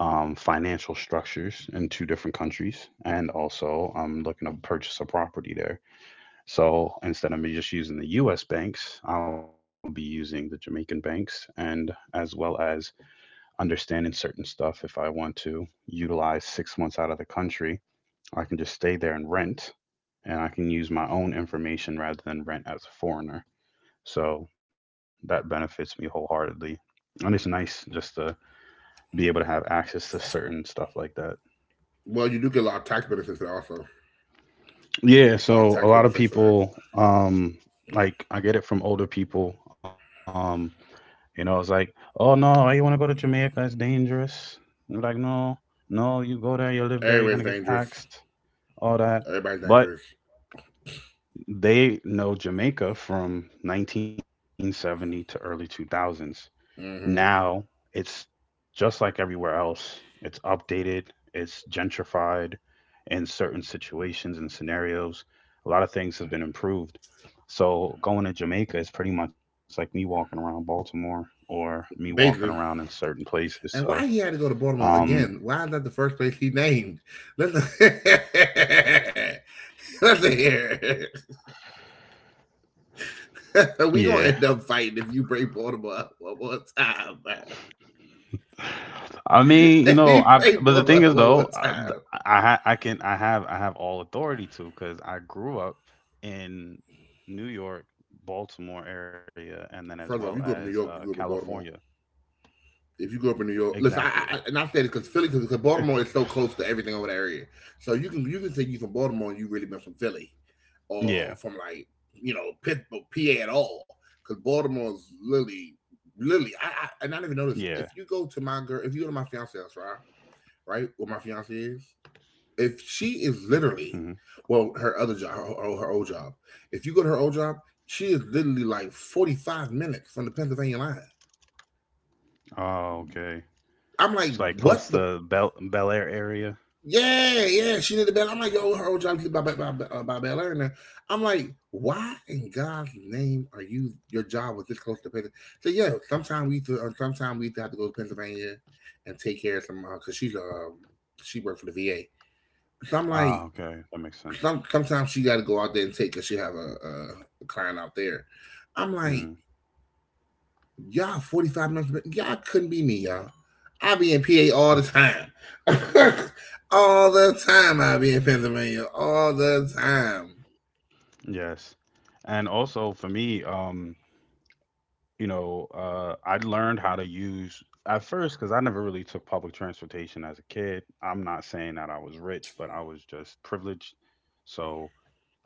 Speaker 1: financial structures in two different countries, and also I'm looking to purchase a property there. So instead of me just using the U.S. banks, I'll be using the Jamaican banks, and as well as understanding certain stuff. If I want to utilize 6 months out of the country, I can just stay there and rent, and I can use my own information rather than rent as a foreigner. So that benefits me wholeheartedly. And it's nice just to be able to have access to certain stuff like that.
Speaker 2: Well, you do get a lot of tax benefits there also.
Speaker 1: Yeah,
Speaker 2: It's a lot of
Speaker 1: so a
Speaker 2: tax
Speaker 1: lot of
Speaker 2: benefits for that.
Speaker 1: people like I get it from older people. You know, it's like, oh no, you wanna go to Jamaica, it's dangerous. And I'm like, no, no, you go there, you live there,
Speaker 2: Everybody's
Speaker 1: you're gonna get
Speaker 2: dangerous.
Speaker 1: taxed, all that.
Speaker 2: Everybody's
Speaker 1: But
Speaker 2: dangerous.
Speaker 1: they know Jamaica from 1970 to early 2000s.
Speaker 2: Mm-hmm.
Speaker 1: Now it's just like everywhere else. It's updated, it's gentrified in certain situations and scenarios. A lot of things have been improved. So going to Jamaica is pretty much like me walking around Baltimore or me walking
Speaker 2: Basically.
Speaker 1: around in certain places. So
Speaker 2: And why he had to go to Baltimore
Speaker 1: um
Speaker 2: again? Why is that the first place he named? Listen. Listen here. We gonna
Speaker 1: yeah,
Speaker 2: end up fighting if you bring Baltimore up one more time, man.
Speaker 1: I
Speaker 2: If
Speaker 1: mean, you
Speaker 2: you
Speaker 1: know,
Speaker 2: bring
Speaker 1: I
Speaker 2: Baltimore
Speaker 1: but the
Speaker 2: up
Speaker 1: thing
Speaker 2: one
Speaker 1: is
Speaker 2: more
Speaker 1: though,
Speaker 2: time.
Speaker 1: I can I have all authority to because I grew up in New York, Baltimore area, and then as well
Speaker 2: First of all, if you
Speaker 1: as
Speaker 2: grew up in New York, you grew up in
Speaker 1: California.
Speaker 2: Baltimore. If you grew up in New York, listen,
Speaker 1: Exactly.
Speaker 2: and I say this because Philly, because Baltimore is so close to everything over the area, so you can say you from Baltimore and you really been from Philly,
Speaker 1: Yeah.
Speaker 2: or from like you know Pittsburgh, PA at all, because Baltimore's literally, literally,
Speaker 1: Yeah.
Speaker 2: I and I didn't even notice if you go to my girl, if you go to my fiance's house, right, right, where my fiance is, if she is
Speaker 1: Hmm.
Speaker 2: literally well her other job her old job if you go to her old job she is literally like 45 minutes from the Pennsylvania line.
Speaker 1: Oh, okay.
Speaker 2: I'm
Speaker 1: It's
Speaker 2: like
Speaker 1: like close
Speaker 2: what the
Speaker 1: to Bel Air area.
Speaker 2: yeah yeah she did the bell I'm like yo her old job is by, by Bel Air and there. I'm like, why in God's name are you your job was this close to Pennsylvania? So yeah, sometimes we have to go to Pennsylvania and take care of some because she's she worked for the VA. So I'm
Speaker 1: Ah,
Speaker 2: like,
Speaker 1: okay, that makes sense.
Speaker 2: sometimes she got to go out there and take because she have a client out there. I'm like,
Speaker 1: Mm.
Speaker 2: y'all 45 minutes, but y'all couldn't be me, y'all. I be in PA all the time. All the time I be in Pennsylvania. All the time.
Speaker 1: Yes. And also for me, you know, I learned how to use at first because I never really took public transportation as a kid. I'm not saying that I was rich, but I was just privileged. So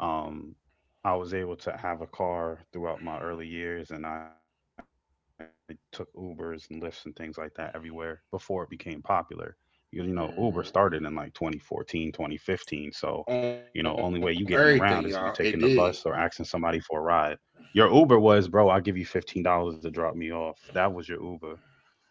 Speaker 1: um, I was able to have a car throughout my early years, and I took Ubers and Lyfts and things like that everywhere before it became popular. Because, you know, Uber started in like 2014,
Speaker 2: Mhm.
Speaker 1: 2015. So, you know, only way you getting around is if
Speaker 2: On
Speaker 1: you taking the
Speaker 2: everything,
Speaker 1: bus
Speaker 2: y'all,
Speaker 1: or
Speaker 2: it
Speaker 1: asking
Speaker 2: did.
Speaker 1: somebody for a ride. Your Uber was, bro, I'll give you $15 to drop me off. That was your Uber.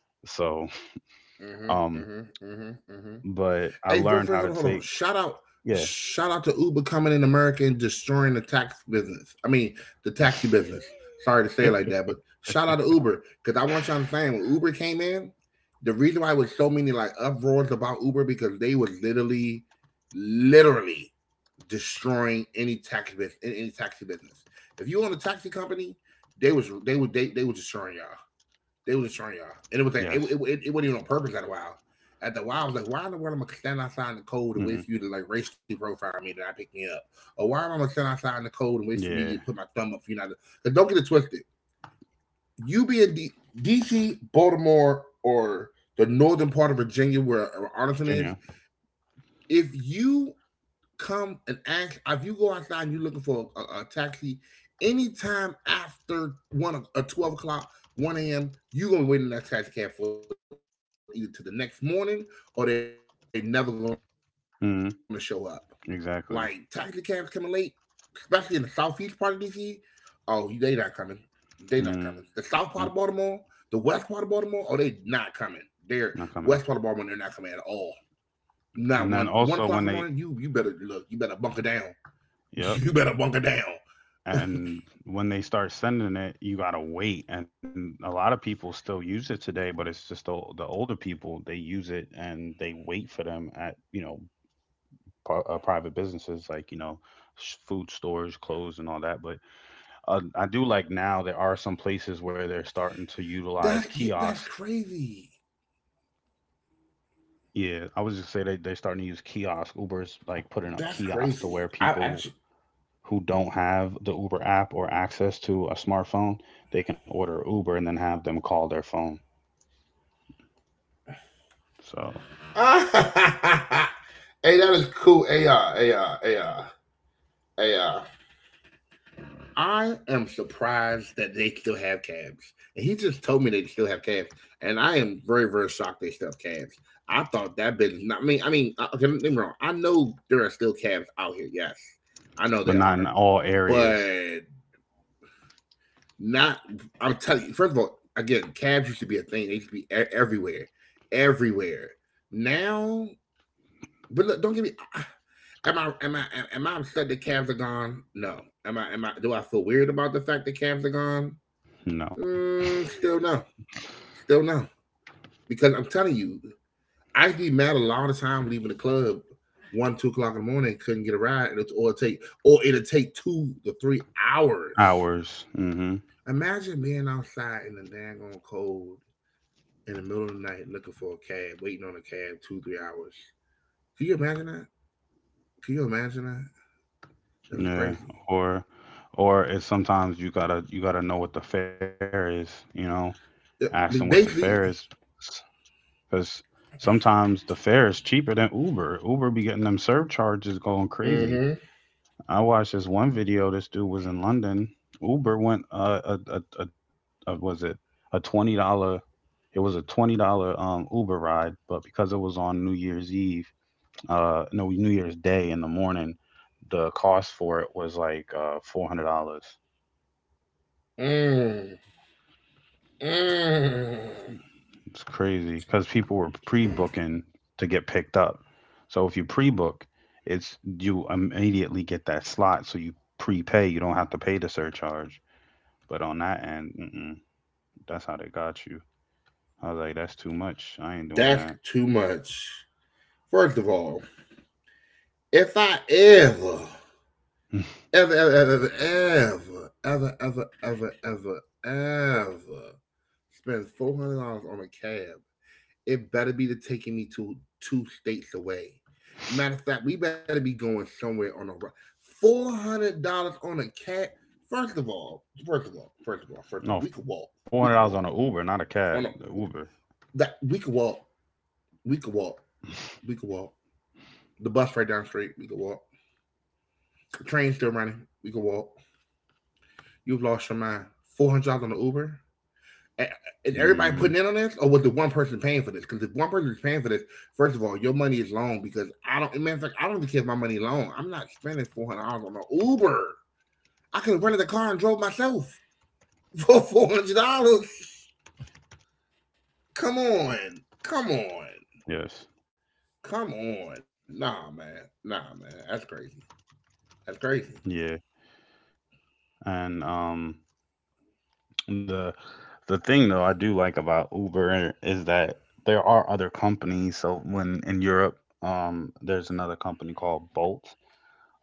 Speaker 1: So, um,
Speaker 2: Mm-hmm. Mm-hmm. Mm-hmm. Mm-hmm.
Speaker 1: but I
Speaker 2: Hey, bro,
Speaker 1: learned how
Speaker 2: bro,
Speaker 1: to
Speaker 2: hold on.
Speaker 1: take, yeah.
Speaker 2: Shout out to Uber coming in America and destroying the tax business. The taxi business. Sorry to say it like that, but shout out to Uber because I want you to understand when Uber came in, the reason why it was so many like uproars about Uber because they was literally destroying any tax business, any taxi business. If you own a taxi company, they was they would they were destroying y'all. They was
Speaker 1: Yes.
Speaker 2: destroying y'all, and it was like it wasn't even on purpose at a while. At the while, I was like, why in the world am I gonna stand
Speaker 1: Hmm.
Speaker 2: outside in the cold and wait for you to like racially profile me and I pick me up, or why am I gonna stand outside in the cold
Speaker 1: Yeah.
Speaker 2: and wait for me to put my thumb up for you not to? Because don't get it twisted. You being DC, Baltimore, or the northern part of Virginia where Arlington
Speaker 1: Virginia.
Speaker 2: is, if you come and ask, if you go outside and you're looking for a taxi anytime after one, or 12 o'clock, 1 a.m., you're gonna wait in that taxi cab for either to the next morning or they're never gonna show up. Like, taxi cabs
Speaker 1: Mm-hmm.
Speaker 2: coming late, especially in the
Speaker 1: Exactly.
Speaker 2: southeast part of DC. Oh, they not coming. They not coming the south part of Baltimore. The west part of
Speaker 1: Mm,
Speaker 2: Baltimore, oh, they not coming. They're West part of Baltimore, they're not coming at all.
Speaker 1: not coming.
Speaker 2: Not one o'clock in the morning. You
Speaker 1: And
Speaker 2: better
Speaker 1: then
Speaker 2: look, you
Speaker 1: also
Speaker 2: better
Speaker 1: when
Speaker 2: bunker
Speaker 1: they,
Speaker 2: down. You better bunker down.
Speaker 1: yep. And when they start sending it, you gotta wait. And a lot of people still use it today, but it's just the older people they use it and they wait for them at you know private businesses like you know food stores, clothes, and all that. But I do like now there are some places where they're
Speaker 2: That,
Speaker 1: starting
Speaker 2: yeah,
Speaker 1: to
Speaker 2: that's
Speaker 1: utilize
Speaker 2: crazy.
Speaker 1: kiosk. Yeah, I was just say they they're starting to use kiosk. Uber's like
Speaker 2: That's
Speaker 1: putting up
Speaker 2: crazy.
Speaker 1: kiosks to
Speaker 2: I
Speaker 1: where
Speaker 2: actually.
Speaker 1: people who don't have the Uber app or access to a smartphone, they can order Uber and then have them call their phone. So,
Speaker 2: Hey, that is cool. AR. I am surprised that they still have cabs. And he just told me they still have cabs, and I am very, very shocked they still have cabs. I thought that business. Not I mean, okay, don't get me wrong. I know there are still cabs out here. Yes, I know
Speaker 1: but
Speaker 2: they
Speaker 1: not in
Speaker 2: are,
Speaker 1: all areas.
Speaker 2: but not. I'm telling you, first of all, again, cabs used to be a thing. They used to be everywhere, everywhere. Now, but look, don't get me. Am I am I upset that cabs are gone? No. Am I do I feel weird about the fact that cabs are gone?
Speaker 1: No
Speaker 2: Mm, still no, still no. Because I'm telling you, I would be mad a lot of the time leaving the club 1, 2 o'clock in the morning, couldn't get a ride, and it's- or it take or it'll take 2 to 3 hours.
Speaker 1: hours. Hmm.
Speaker 2: Imagine being outside in the daggone cold in the middle of the night looking for a cab, waiting on a cab two, 3 hours. Can you imagine that? Can you imagine that? That is
Speaker 1: Yeah.
Speaker 2: crazy.
Speaker 1: Or, or it's sometimes you gotta know what the fare is. You know, ask them
Speaker 2: Yeah,
Speaker 1: what the fare is,
Speaker 2: basically.
Speaker 1: because sometimes the fare is cheaper than Uber. Uber be getting them surcharges going crazy.
Speaker 2: Mm-hmm.
Speaker 1: I watched this one video. This dude was in London. Uber went a was it a $20? It was a $20 Uber ride, but because it was on New Year's Eve, no New Year's Day in the morning, the cost for it was like $400.
Speaker 2: Mm, mm,
Speaker 1: It's crazy because people were pre-booking to get picked up. So if you pre-book, it's you immediately get that slot. So you prepay. You don't have to pay the surcharge. But on that end, mm-mm. That's how they got you. I was like, that's too much. I ain't doing
Speaker 2: that's
Speaker 1: that.
Speaker 2: too much. First of all, if I ever, ever, ever, ever, ever, ever, ever, ever, ever, ever spend $400 on a cab, it better be to taking me to two states away. Matter of fact, we better be going somewhere on a ride. $400 on a cat. First of all, first of all, first of all, first of all, we could walk.
Speaker 1: No, four
Speaker 2: We
Speaker 1: hundred
Speaker 2: could
Speaker 1: dollars
Speaker 2: walk.
Speaker 1: on an Uber, not a cab.
Speaker 2: On a,
Speaker 1: The Uber.
Speaker 2: that. We could walk. We could walk. We could walk. The bus right down the street. We could walk. The train's still running. We could walk. You've lost your mind. $400 on the Uber. Is everybody putting in on
Speaker 1: Mm-hmm.
Speaker 2: this, or was the one person paying for this? Because if one person is paying for this, first of all, your money is long because I don't. Matter of fact, I don't even care if my money is long. I'm not spending $400 on an Uber. I could have rented a car and drove myself for $400. Come on, come on,
Speaker 1: Yes.
Speaker 2: come on. Nah, man. That's crazy. That's crazy.
Speaker 1: Yeah. And the the thing though I do like about Uber is that there are other companies. So when in Europe, there's another company called Bolt.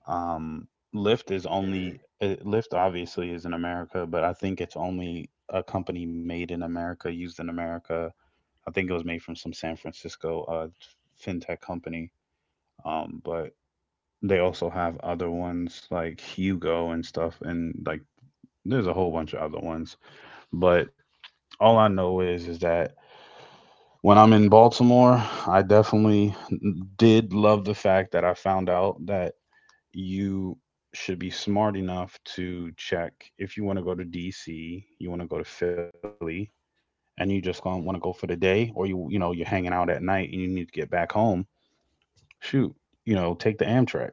Speaker 1: Um, Lyft
Speaker 2: Mm-hmm.
Speaker 1: is only Lyft obviously is in America, but I think it's only a company made in America, used in America, I think it was made from some San Francisco fintech company. But they also have other ones like Hugo and stuff, and like there's a whole bunch of other ones. But all I know is that when I'm in Baltimore, I definitely did love the fact that I found out that you should be smart enough to check if you want to go to DC, you want to go to Philly, and you just want to go for the day, or you know you're hanging out at night and you need to get back home shoot, you know, take the Amtrak.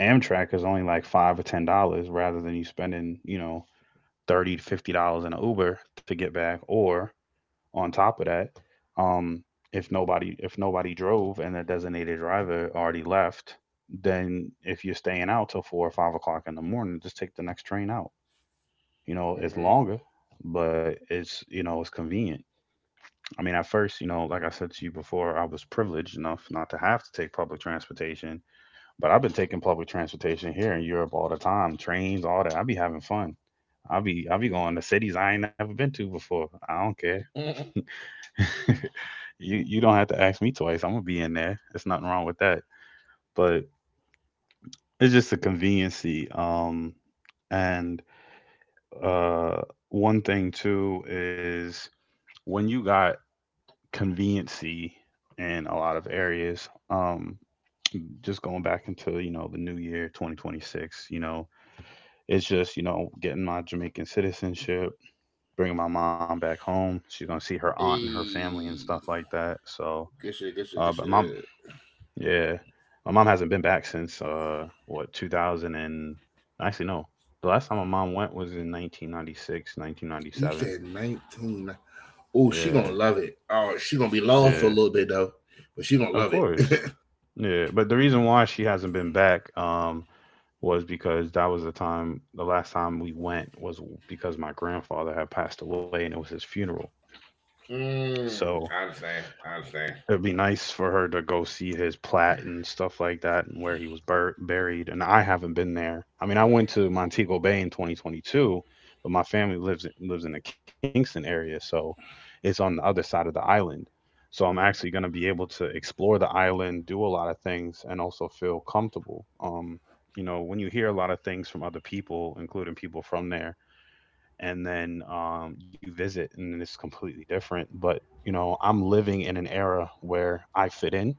Speaker 1: Amtrak is only like $5 or $10 rather than you spending, you know, $30 to $50 in an Uber to get back. Or on top of that, um, if nobody drove and the designated driver already left, then if you're staying out till 4 or 5 o'clock in the morning, just take the next train out. You know, it's
Speaker 2: Mm-hmm.
Speaker 1: longer, but it's it's convenient. I mean, at first, you know, like I said to you before, I was privileged enough not to have to take public transportation. But I've been taking public transportation here in Europe all the time, trains, all that. I be having fun. I be going to cities I ain't never been to before. I don't care.
Speaker 2: Mm-hmm.
Speaker 1: you don't have to ask me twice. I'm gonna be in there. There's nothing wrong with that. But it's just a conveniency. And uh, one thing too is when you got conveniency in a lot of areas. Just going back into, you know, the new year 2026. You know, it's just, you know, getting my Jamaican citizenship, bringing my mom back home. She's going to see her aunt and her family and stuff
Speaker 2: Hey,
Speaker 1: like that. So, but
Speaker 2: good
Speaker 1: mom,
Speaker 2: shit.
Speaker 1: yeah, my mom hasn't been back since, what, 2000 and actually, no. The last time my mom went was in 1996,
Speaker 2: He
Speaker 1: 1997.
Speaker 2: said 19. Oh,
Speaker 1: Yeah,
Speaker 2: she gonna love it. Oh, she gonna be lost
Speaker 1: yeah,
Speaker 2: for a little bit though, but she gonna
Speaker 1: of
Speaker 2: love it.
Speaker 1: course. Yeah, but the reason why she hasn't been back was because that was the time the last time we went was because my grandfather had passed away and it was his funeral.
Speaker 2: Mm,
Speaker 1: So
Speaker 2: I understand. I understand.
Speaker 1: it'd be nice for her to go see his plat and stuff like that and where he was buried. And I haven't been there. I mean, I went to Montego Bay in 2022, but my family lives in the Kingston area, so it's on the other side of the island. So I'm actually going to be able to explore the island, do a lot of things and also feel comfortable. You know, when you hear a lot of things from other people, including people from there, and then you visit and then it's completely different. But you know, I'm living in an era where I fit in.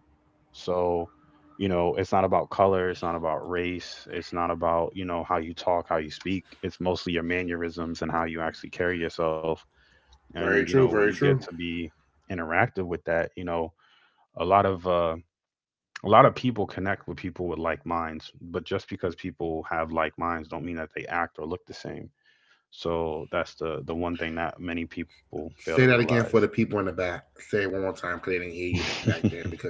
Speaker 1: So you know, it's not about color, it's not about race, it's not about, you know, how you talk, how you speak. It's mostly your mannerisms and how you actually carry yourself. And
Speaker 2: Very
Speaker 1: you know,
Speaker 2: true.
Speaker 1: when you
Speaker 2: Very
Speaker 1: get
Speaker 2: true.
Speaker 1: to be interactive with that, you know, a lot of uh, a lot of people connect with people with like minds, but just because people have like minds don't mean that they act or look the same. So that's the one thing not many people fail to
Speaker 2: Say that again
Speaker 1: realize.
Speaker 2: for the people in the back. Say it one more time because they didn't hear you back there because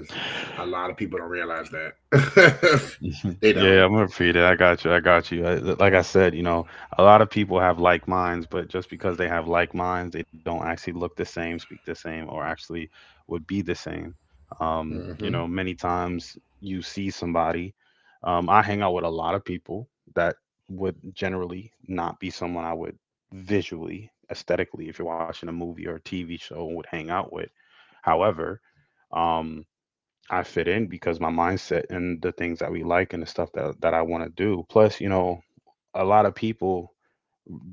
Speaker 2: a lot of people don't realize that.
Speaker 1: Mhm.
Speaker 2: They
Speaker 1: Yeah,
Speaker 2: don't.
Speaker 1: I'm gonna repeat it. I got you. I got you. I, like I said, you know, a lot of people have like minds, but just because they have like minds, they don't actually look the same, speak the same, or actually would be the same. You know,
Speaker 2: Hmm.
Speaker 1: many times you see somebody. I hang out with a lot of people that would generally not be someone I would visually, aesthetically, if you're watching a movie or a TV show, would hang out with. However, um, I fit in because my mindset and the things that we like and the stuff that I want to do. Plus, you know, a lot of people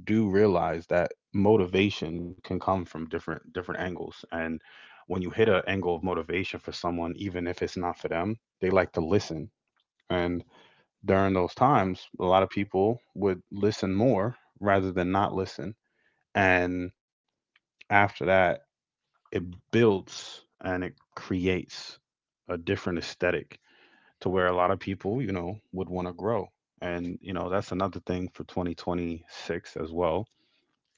Speaker 1: do realize that motivation can come from different angles. And when you hit an angle of motivation for someone, even if it's not for them, they like to listen. And during those times, a lot of people would listen more rather than not listen. And after that, it builds and it creates a different aesthetic to where a lot of people, you know, would want to grow. And, you know, that's another thing for 2026 as well.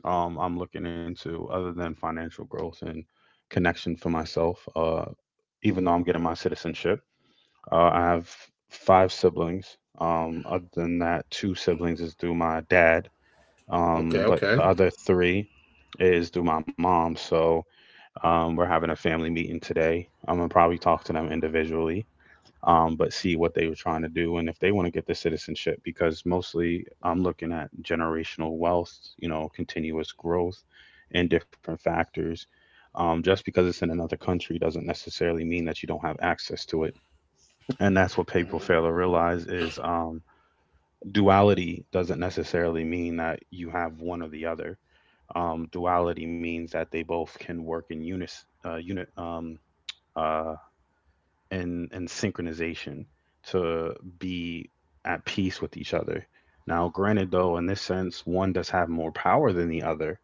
Speaker 1: I'm looking into other than financial growth and connection for myself. Even though I'm getting my citizenship, I have five siblings. Other than that, two siblings is through my dad. But the other
Speaker 2: Okay. Okay.
Speaker 1: three is through my mom. So, we're having a family meeting today. I'm gonna probably talk to them individually, but see what they were trying to do and if they want to get the citizenship, because mostly I'm looking at generational wealth, you know, continuous growth and different factors. Just because it's in another country doesn't necessarily mean that you don't have access to it. And that's what people fail to realize is, duality doesn't necessarily mean that you have one or the other. Duality means that they both can work in unit, uh, and synchronization to be at peace with each other. Now, granted, though, in this sense, one does have more power than the other,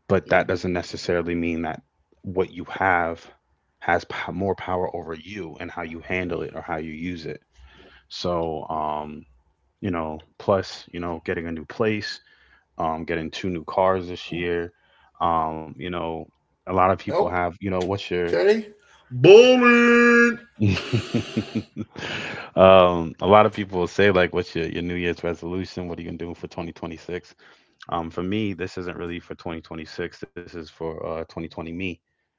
Speaker 1: but that doesn't necessarily mean
Speaker 2: Hmm.
Speaker 1: that what you have has more power over you and how you handle it or how you use it. So, you know, plus, you know, getting a new place, getting two new cars this year, you know, a lot of people have, you know, what's your.
Speaker 2: Okay. Bullet.
Speaker 1: A lot of people will say like, "What's your New Year's resolution? What are you gonna do for 2026?" For me, this isn't really for 2026. This is for 2020 me,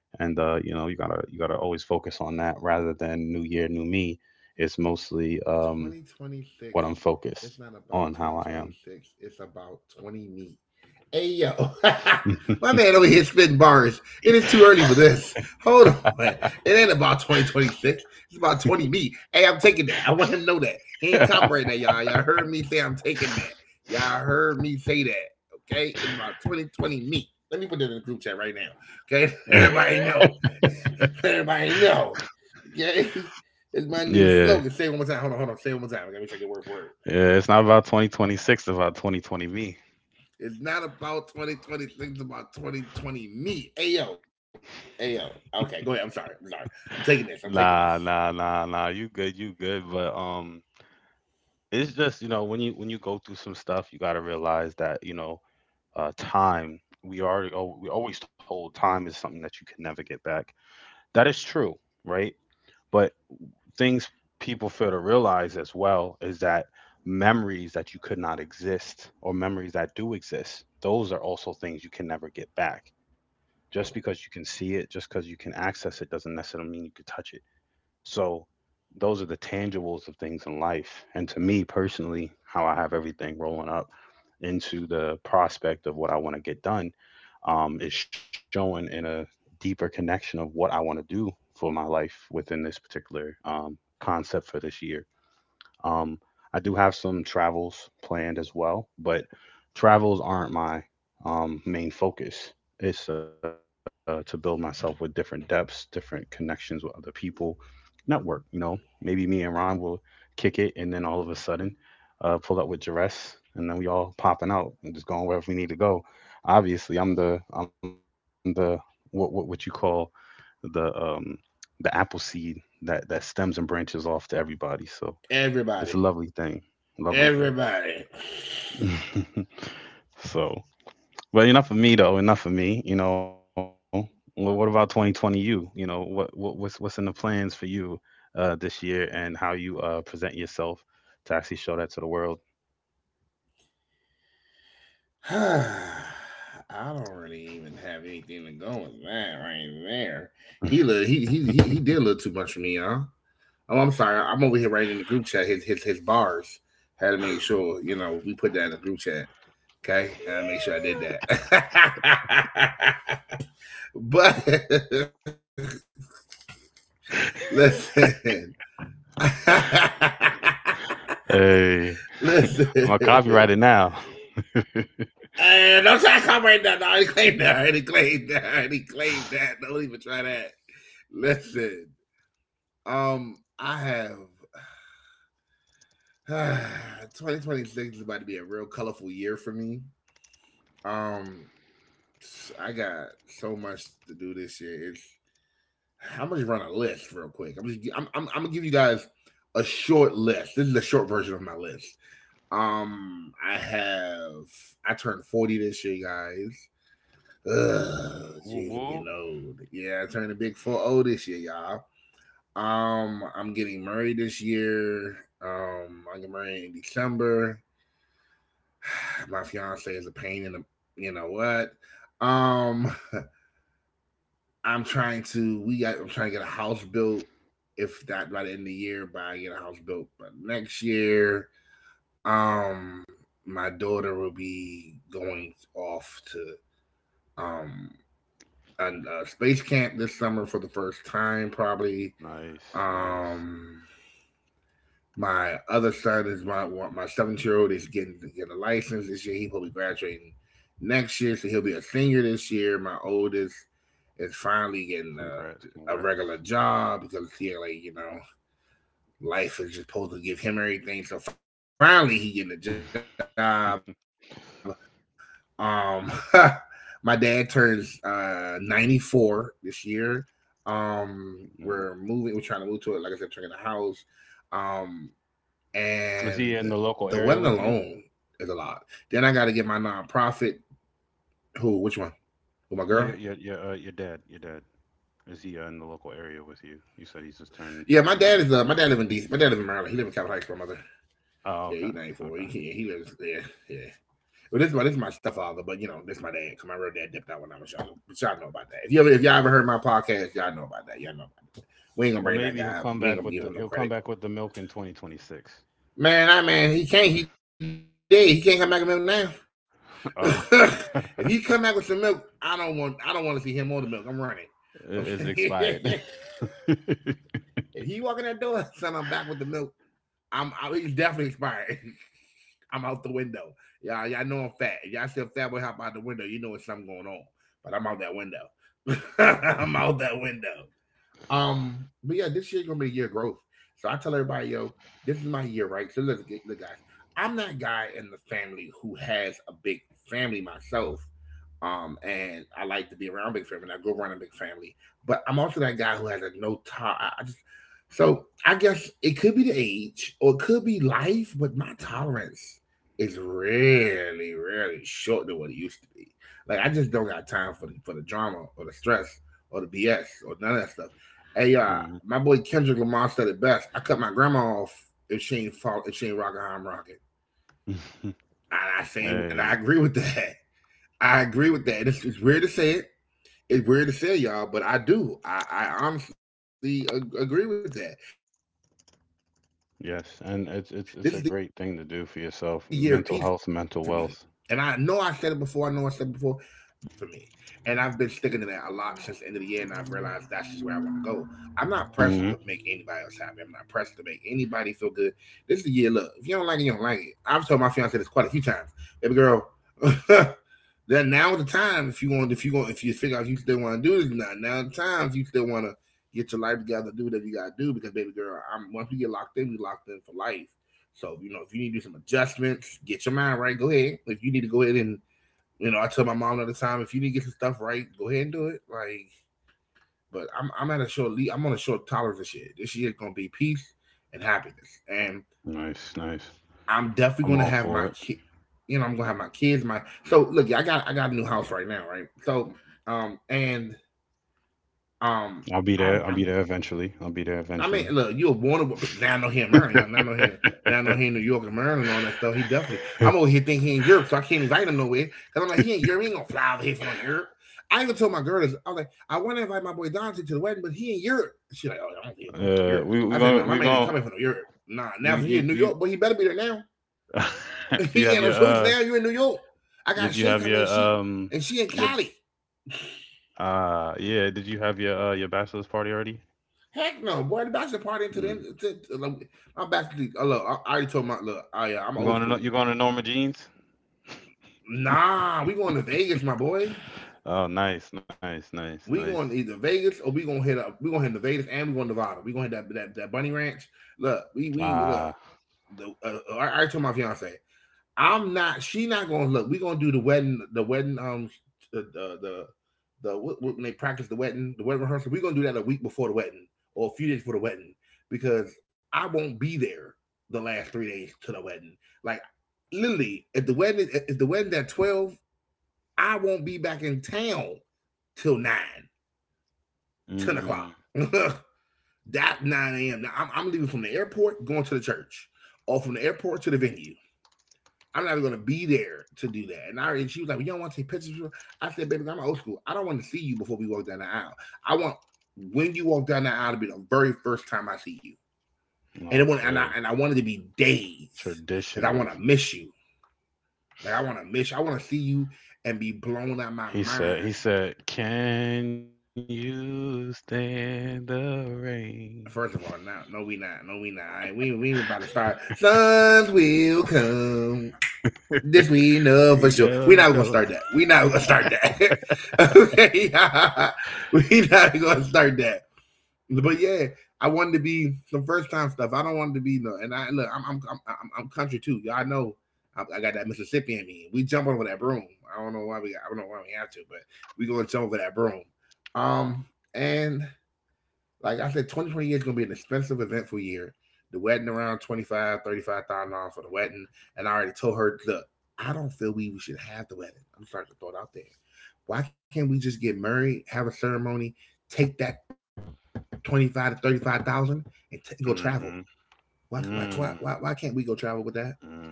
Speaker 1: and you know, you gotta always focus on that rather than New Year, New Me. It's mostly what I'm
Speaker 2: 2026.
Speaker 1: focused
Speaker 2: It's not
Speaker 1: on,
Speaker 2: about
Speaker 1: how
Speaker 2: 2026. It's about 20 me. Hey, yo. My man over here spitting bars. It is too early for this. Hold on. It ain't about 2026. It's about 20 me. Hey, I'm taking that. I want him to know that. He
Speaker 1: I
Speaker 2: ain't
Speaker 1: am.
Speaker 2: copyrighting that, y'all. Y'all heard me say I'm taking that. Y'all heard me say that. Okay? It's about 2020 me. Let me put that in the group chat right now. Okay? Everybody know. Let everybody know. Okay? It's my new
Speaker 1: Yeah,
Speaker 2: slogan. Say it one more time. Hold on. Say it one more time. I gotta make sure I get word for word.
Speaker 1: yeah. It's not about 2026. It's about 2020 me.
Speaker 2: It's not about 2026, it's about 2020 me. Ayo, ayo. Okay, go ahead. I'm sorry. I'm sorry. I'm taking this.
Speaker 1: Nah, nah, nah, nah. You good? You good? But It's just, you know, when you, when you go through some stuff, you got to realize that, you know, time, we are, oh, we always told time is something that you can never get back. That is true, right? But things, people fail to realize as well is that memories that you could not exist or memories that do exist, those are also things you can never get back. Just because you can see it, just because you can access it, doesn't necessarily mean you could touch it. So those are the tangibles of things in life. And to me personally, how I have everything rolling up into the prospect of what I want to get done, is shown in a deeper connection of what I want to do for my life within this particular, concept for this year. Um, I do have some travels planned as well, but travels aren't my, main focus. It's, to build myself with different depths, different connections with other people, network. You know, maybe me and Ron will kick it, and then all of a sudden, pull up with Jerez, and then we all popping out and just going wherever we need to go. Obviously, I'm the what you call the um the apple seed that stems and branches off to everybody. So it's a lovely
Speaker 2: Everybody.
Speaker 1: thing, lovely thing.
Speaker 2: Everybody.
Speaker 1: So, but enough of me though. Enough of me. You know, well, what about 2020? You, you know, what's in the plans for you this year, and how you present yourself to actually show that to the world?
Speaker 2: I don't really even have anything to go with that right there. He li- he did a little too much for me, y'all. Oh, I'm sorry. I'm over here writing in the group chat. His bars had to make sure you know we put that in the group chat. Okay, and I make sure I did that. But listen.
Speaker 1: Hey, I'm gonna
Speaker 2: Listen.
Speaker 1: copyright it now.
Speaker 2: Don't try to come right now. No, I already claimed that. Don't even try that. Listen, I have 2026 is about to be a real colorful year for me. Um, I got so much to do this year. It's I'm gonna just run a list real quick. I'm just I'm gonna give you guys a short list. This is a short version of my list. I have I turned 40 this year, guys. Ugh,
Speaker 1: Woo
Speaker 2: jeez, I'm
Speaker 1: woo.
Speaker 2: getting old. Yeah, I turned a big 40 this year, y'all. I'm getting married this year. I get married in December. My fiance is a pain in the you know what. Um, I'm trying to get a house built if not by the end of the year, but I get a house built by next year. Um, my daughter will be going off to um a space camp this summer for the first time probably.
Speaker 1: Nice, nice.
Speaker 2: Um, my other son is my 17-year-old is getting to get a license this year. He will probably graduating next year, so he'll be a senior this year. My oldest is finally getting
Speaker 1: Congrats, congrats.
Speaker 2: a regular job because he like you know life is just supposed to give him everything. So finally he getting a job. Um, my dad turns 94 this year. Um, we're moving. We're trying to
Speaker 1: Mm.
Speaker 2: move to it. Like I said, trying the house. Um, and the
Speaker 1: Is he
Speaker 2: wedding
Speaker 1: in the local
Speaker 2: alone
Speaker 1: area with
Speaker 2: is
Speaker 1: you?
Speaker 2: a lot. Then I got to get my nonprofit. Who? Which one? Who? My girl?
Speaker 1: Your your dad. Is he, in the local area with you? You said he's just turned,
Speaker 2: Yeah, my dad is.
Speaker 1: 94
Speaker 2: My
Speaker 1: this
Speaker 2: dad
Speaker 1: year.
Speaker 2: live in D. My dad live in Maryland. He live in Capitol Heights with my mother.
Speaker 1: Oh,
Speaker 2: Yeah,
Speaker 1: okay,
Speaker 2: he's 94. He,
Speaker 1: okay.
Speaker 2: yeah, he lives there. Yeah, yeah. Well, this is my stepfather, but you know this is my dad. Cause my real dad dipped out when I was younger. But y'all know about that. If y'all
Speaker 1: Mm.
Speaker 2: ever heard my podcast, y'all know about that. Y'all know about that. We ain't gonna
Speaker 1: Well,
Speaker 2: bring that
Speaker 1: maybe he'll
Speaker 2: guy up.
Speaker 1: come
Speaker 2: We ain't
Speaker 1: back
Speaker 2: gonna
Speaker 1: with
Speaker 2: give
Speaker 1: the
Speaker 2: him no
Speaker 1: he'll come
Speaker 2: credit.
Speaker 1: back with the milk in 2026.
Speaker 2: He can't. He did. He can't come back with milk now.
Speaker 1: Oh,
Speaker 2: If
Speaker 1: It-
Speaker 2: he come back with some milk, I don't want to see him on the milk. I'm running.
Speaker 1: it's
Speaker 2: Okay.
Speaker 1: expired.
Speaker 2: If he walk in that door, son, I'm back with the milk. He's definitely expired. I'm out the window. Y'all, y'all know I'm fat. If y'all see a fat boy hop out the window, you know it's something going on. But I'm out that window. I'm out that window. But yeah, this year's gonna be a year of growth. So I tell everybody, yo, this is my year, right? So let's get look, guys. I'm that guy in the family who has a big family myself. And I like to be around big family. I go around a big family, but I'm also that guy who has a no time. I just so I guess it could be the age or it could be life, but my tolerance is really, really short than what it used to be. Like I just don't got time for the drama or the stress or the BS or none of that stuff. Hey,
Speaker 1: Mhm.
Speaker 2: my boy Kendrick Lamar said it best. I cut my grandma off if she ain't rocking how I'm rocking. And I say and I
Speaker 1: Hey,
Speaker 2: agree with that. I agree with that. It's weird to say it. It's weird to say, y'all, but I do. I honestly agree with that. This is the year of peace for me. And I know I said it
Speaker 1: yes,
Speaker 2: before, I know I
Speaker 1: and
Speaker 2: said
Speaker 1: it's
Speaker 2: it
Speaker 1: it's
Speaker 2: before,
Speaker 1: it's a great
Speaker 2: but I
Speaker 1: thing to
Speaker 2: feel
Speaker 1: do
Speaker 2: like
Speaker 1: for
Speaker 2: this is
Speaker 1: yourself.
Speaker 2: actually the
Speaker 1: Mental
Speaker 2: year of
Speaker 1: health,
Speaker 2: peace
Speaker 1: mental
Speaker 2: for
Speaker 1: wealth.
Speaker 2: me. Not for anybody else, for me. And I've been sticking to that a lot since the end of the year, and I've realized that's just where I want to go. I'm not pressed to make anybody else happy.
Speaker 1: Hmm.
Speaker 2: I'm not pressed to make anybody feel good. This is the year, look, if you don't like it, you don't like it. I've told my fiance this quite a few times. Baby girl, then now the time if you figure out if you still want to do this or not. Now the time if you still want to get your life together, do whatever you gotta do because baby girl, I'm once we get locked in, we locked in for life. So you know if you need to do some adjustments, get your mind right. Go ahead. If you need to go ahead and you know I tell my mom all the time if you need to get some stuff right, go ahead and do it. Like, but I'm at a short lead. I'm on a short tolerance of shit. This year's gonna be peace and happiness and
Speaker 1: Nice, nice.
Speaker 2: I'm definitely
Speaker 1: I'm
Speaker 2: gonna
Speaker 1: all
Speaker 2: have
Speaker 1: for
Speaker 2: my
Speaker 1: it.
Speaker 2: kid. You know, I'm gonna have my kids. My so look, yeah, I got a new house right now, right? So, and um,
Speaker 1: I'll be there. I'll be
Speaker 2: I'm
Speaker 1: there eventually. I'll be there
Speaker 2: I mean,
Speaker 1: eventually.
Speaker 2: look, you were born now. I know here in Maryland. Now I know here. Now I know here in New York and Maryland and all that stuff. He definitely. I'm over here thinking he in Europe, so I can't invite him nowhere. Cause I'm like, he ain't Europe. He ain't gonna fly over here for no Europe. I even told my girl this. I was like, I want to invite my boy Dante to the wedding, but he in Europe. She like, oh, I don't think he'll come from Europe. I said, no, nah, my
Speaker 1: We
Speaker 2: man ain't
Speaker 1: gonna
Speaker 2: coming from no Europe. Nah, now
Speaker 1: you
Speaker 2: if he in
Speaker 1: you
Speaker 2: New
Speaker 1: you
Speaker 2: York, but he better be there now.
Speaker 1: you
Speaker 2: He
Speaker 1: have
Speaker 2: ain't no
Speaker 1: your
Speaker 2: choice now. You in New York. I got
Speaker 1: did you
Speaker 2: Shay
Speaker 1: have
Speaker 2: coming. She and she in
Speaker 1: your
Speaker 2: Cali.
Speaker 1: yeah did you have your, your bachelor's party already?
Speaker 2: Heck no, boy. The bachelor party to the end.
Speaker 1: Mm.
Speaker 2: My bachelor. Look, I already told my look. I'm
Speaker 1: You
Speaker 2: old
Speaker 1: going to Nor-
Speaker 2: school.
Speaker 1: You going to Norma Jeans?
Speaker 2: Nah, we going to Vegas, my boy.
Speaker 1: Oh, nice, nice, nice,
Speaker 2: We
Speaker 1: nice.
Speaker 2: going to either Vegas or we gonna hit up. We gonna hit the Vegas and we going to Nevada. We gonna hit that bunny ranch. Look, we look.
Speaker 1: Ah,
Speaker 2: The, I already told my fiance. I'm not. She not gonna look. We gonna do the wedding. The wedding. The the the, the what, when they practice the wedding rehearsal. We are gonna do that a week before the wedding or a few days before the wedding because I won't be there the last 3 days to the wedding. Like literally, if the wedding at 12, I won't be back in town till nine ten
Speaker 1: mm,
Speaker 2: o'clock. That nine a.m. Now, I'm leaving from the airport, going to the church, or from the airport to the venue. I'm not even gonna be there to do that. And she was like, well, "You don't want to take pictures." I said, "Baby, I'm old school. I don't want to see you before we walk down the aisle. I want when you walk down the aisle to be the very first time I see you. And it want,
Speaker 1: okay.
Speaker 2: and I wanted to be days because I want
Speaker 1: Traditionals.
Speaker 2: to miss you. Like I want to miss you. I want to see you and be blown out of my mind.
Speaker 1: He said, "Can you stand the rain?"
Speaker 2: First of all, no, no, we not. No, we not. All right, we about to start. Suns will come. This we know
Speaker 1: You
Speaker 2: for sure. We're
Speaker 1: go,
Speaker 2: not gonna
Speaker 1: so.
Speaker 2: start that. We're not gonna start that. Okay, we're not gonna start that. But yeah, I wanted to be some first time stuff. I don't want to be no. And I look, I'm country too. Y'all know I got that Mississippi in me. We jump over that broom. I don't know why we. Got, I don't know why we have to, but we gonna jump over that broom. Um, and like I said, 2020 is going to be an expensive, eventful year. The wedding around 25 $35,000 for the wedding. And I already told her, look, I don't feel we should have the wedding. I'm starting to throw it out there. Why can't we just get married, have a ceremony, take that 25 to 35,000 and go travel?
Speaker 1: Mm-hmm.
Speaker 2: Why
Speaker 1: Mm.
Speaker 2: can't we go travel with that?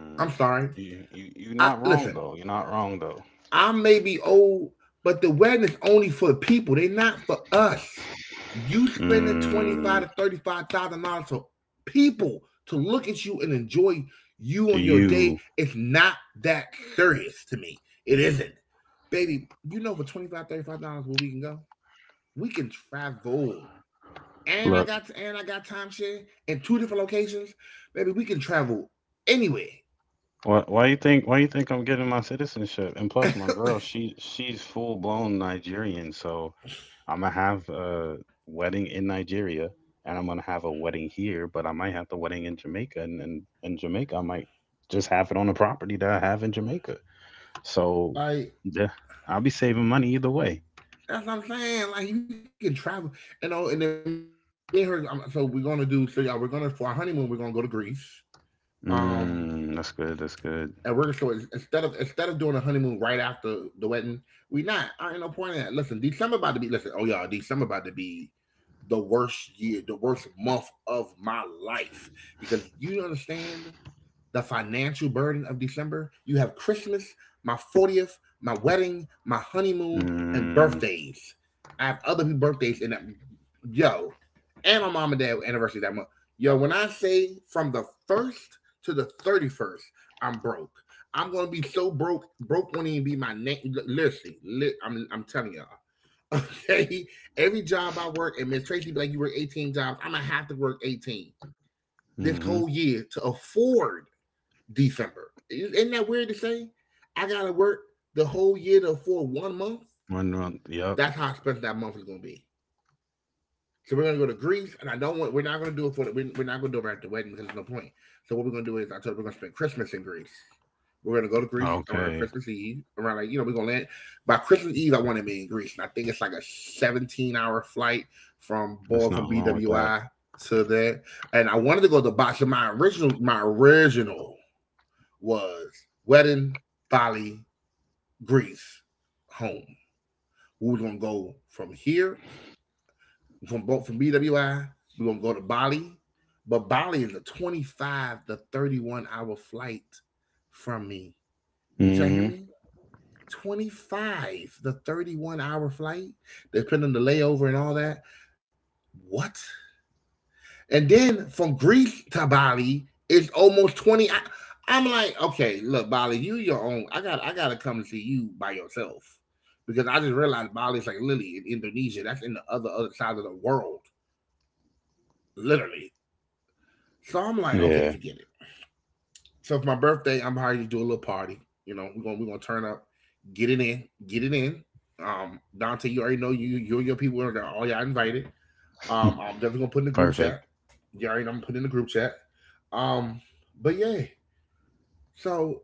Speaker 2: I'm sorry.
Speaker 1: you, you're
Speaker 2: I,
Speaker 1: not wrong
Speaker 2: listen,
Speaker 1: though. You're not wrong though.
Speaker 2: I may be old, but the wedding is only for the people. They're not for us. You spending twenty
Speaker 1: Mm,
Speaker 2: five to thirty five thousand dollars for people to look at you and enjoy you
Speaker 1: do
Speaker 2: on your day.
Speaker 1: you
Speaker 2: It's not that serious to me. It isn't, baby. You know, for $25,35, where we can go, we can travel. And I
Speaker 1: look?
Speaker 2: got and I got timeshare in two different locations, baby. We can travel anywhere.
Speaker 1: Why you think? Why you think I'm getting my citizenship? And plus, my girl, she's full blown Nigerian, so I'm gonna have a wedding in Nigeria, and I'm gonna have a wedding here, but I might have the wedding in Jamaica, and in Jamaica, I might just have it on the property that I have in Jamaica. So, yeah,
Speaker 2: Like
Speaker 1: I'll be saving money either way.
Speaker 2: that's what I'm saying. Like you can travel, you know. And then me and her, so we're gonna do. So yeah, we're gonna for our honeymoon, we're gonna go to Greece. Um,
Speaker 1: Mm, that's good. That's good.
Speaker 2: and we're so instead of doing a honeymoon right after the wedding, we not. I ain't no point in that. Listen, December about to be. Listen, oh y'all, December about to be the worst year, the worst month of my life because you understand the financial burden of December. You have Christmas, my 40th, my wedding, my honeymoon, and
Speaker 1: Mm,
Speaker 2: birthdays. I have other people's birthdays in that. Yo, and my mom and dad anniversary that month. Yo, when I say from the 1st to the 31st, I'm broke. I'm gonna be so broke. Broke won't even be my name. Literally, I'm telling y'all. Okay, every job I work, and Miss Tracy be like, "You work 18 jobs. I'm gonna have to work 18 this whole
Speaker 1: mm-hmm.
Speaker 2: year to afford December. Isn't that weird to say? I gotta work the whole year to afford 1 month.
Speaker 1: One month. Yep.
Speaker 2: That's how expensive that month is gonna be. So we're gonna go to Greece, and I don't want. We're not gonna do it for. The, we're not gonna do it right at the wedding because there's no point. So what we're gonna do is I told her we're gonna spend Christmas in Greece. We're gonna go to Greece around
Speaker 1: Okay.
Speaker 2: Christmas Eve. Around like you know we're gonna land by Christmas Eve. I want to be in Greece, and I think it's like a 17-hour flight
Speaker 1: There's nothing wrong with
Speaker 2: from
Speaker 1: that.
Speaker 2: board from BWI to that. And I wanted to go to Bosch. My original was wedding, Bali, Greece, home. We were gonna go from here, from BWI, we're gonna go to Bali. But Bali is a 25 to 31 hour flight from me. Did y'all hear
Speaker 1: Mm-hmm.
Speaker 2: me? 25 the 31-hour flight, depending on the layover and all that. What? And then from Greece to Bali it's almost 20. I, I'm like, okay, look, Bali, you your own. I gotta come see you by yourself. Because I just realized Bali's like literally in Indonesia. That's in the other side of the world. Literally. So I'm like,
Speaker 1: Yeah.
Speaker 2: okay, forget it. So for my birthday, I'm probably to do a little party. You know, we're gonna turn up, get it in. Dante, you already know you and your people are there, all y'all invited. I'm definitely gonna put in the group
Speaker 1: Perfect.
Speaker 2: chat. You already know I'm putting in the group chat. Um, but yeah, so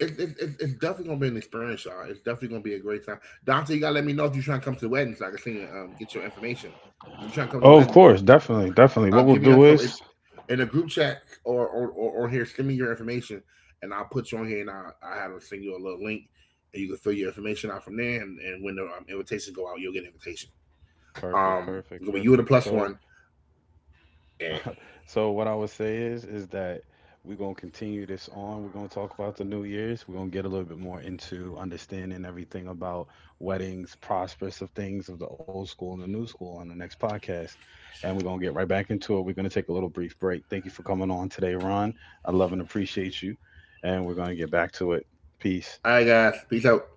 Speaker 2: it's definitely gonna be an experience, y'all. It's definitely gonna be a great time. Dante, you gotta let me know if you're trying to come to the wedding so I can send you get your information. If you're trying to
Speaker 1: Oh,
Speaker 2: come
Speaker 1: of
Speaker 2: to the
Speaker 1: course.
Speaker 2: wedding,
Speaker 1: Definitely. Definitely. What we'll
Speaker 2: give me
Speaker 1: do
Speaker 2: your
Speaker 1: is
Speaker 2: in a group chat or here, send me your information and I'll put you on here and I have to send you a little link and you can fill your information out from there and when the invitations go out, you'll get an invitation.
Speaker 1: perfect. Perfect.
Speaker 2: It's gonna be you and
Speaker 1: Perfect.
Speaker 2: the plus
Speaker 1: So
Speaker 2: one. Yeah,
Speaker 1: So what I would say is that we're gonna continue this on. We're gonna talk about the New Year's. We're gonna get a little bit more into understanding everything about weddings, prospects of things of the old school and the new school on the next podcast. And we're gonna get right back into it. We're gonna take a little brief break. Thank you for coming on today, Ron. I love and appreciate you. And we're gonna get back to it. Peace.
Speaker 2: all right, guys. Peace out.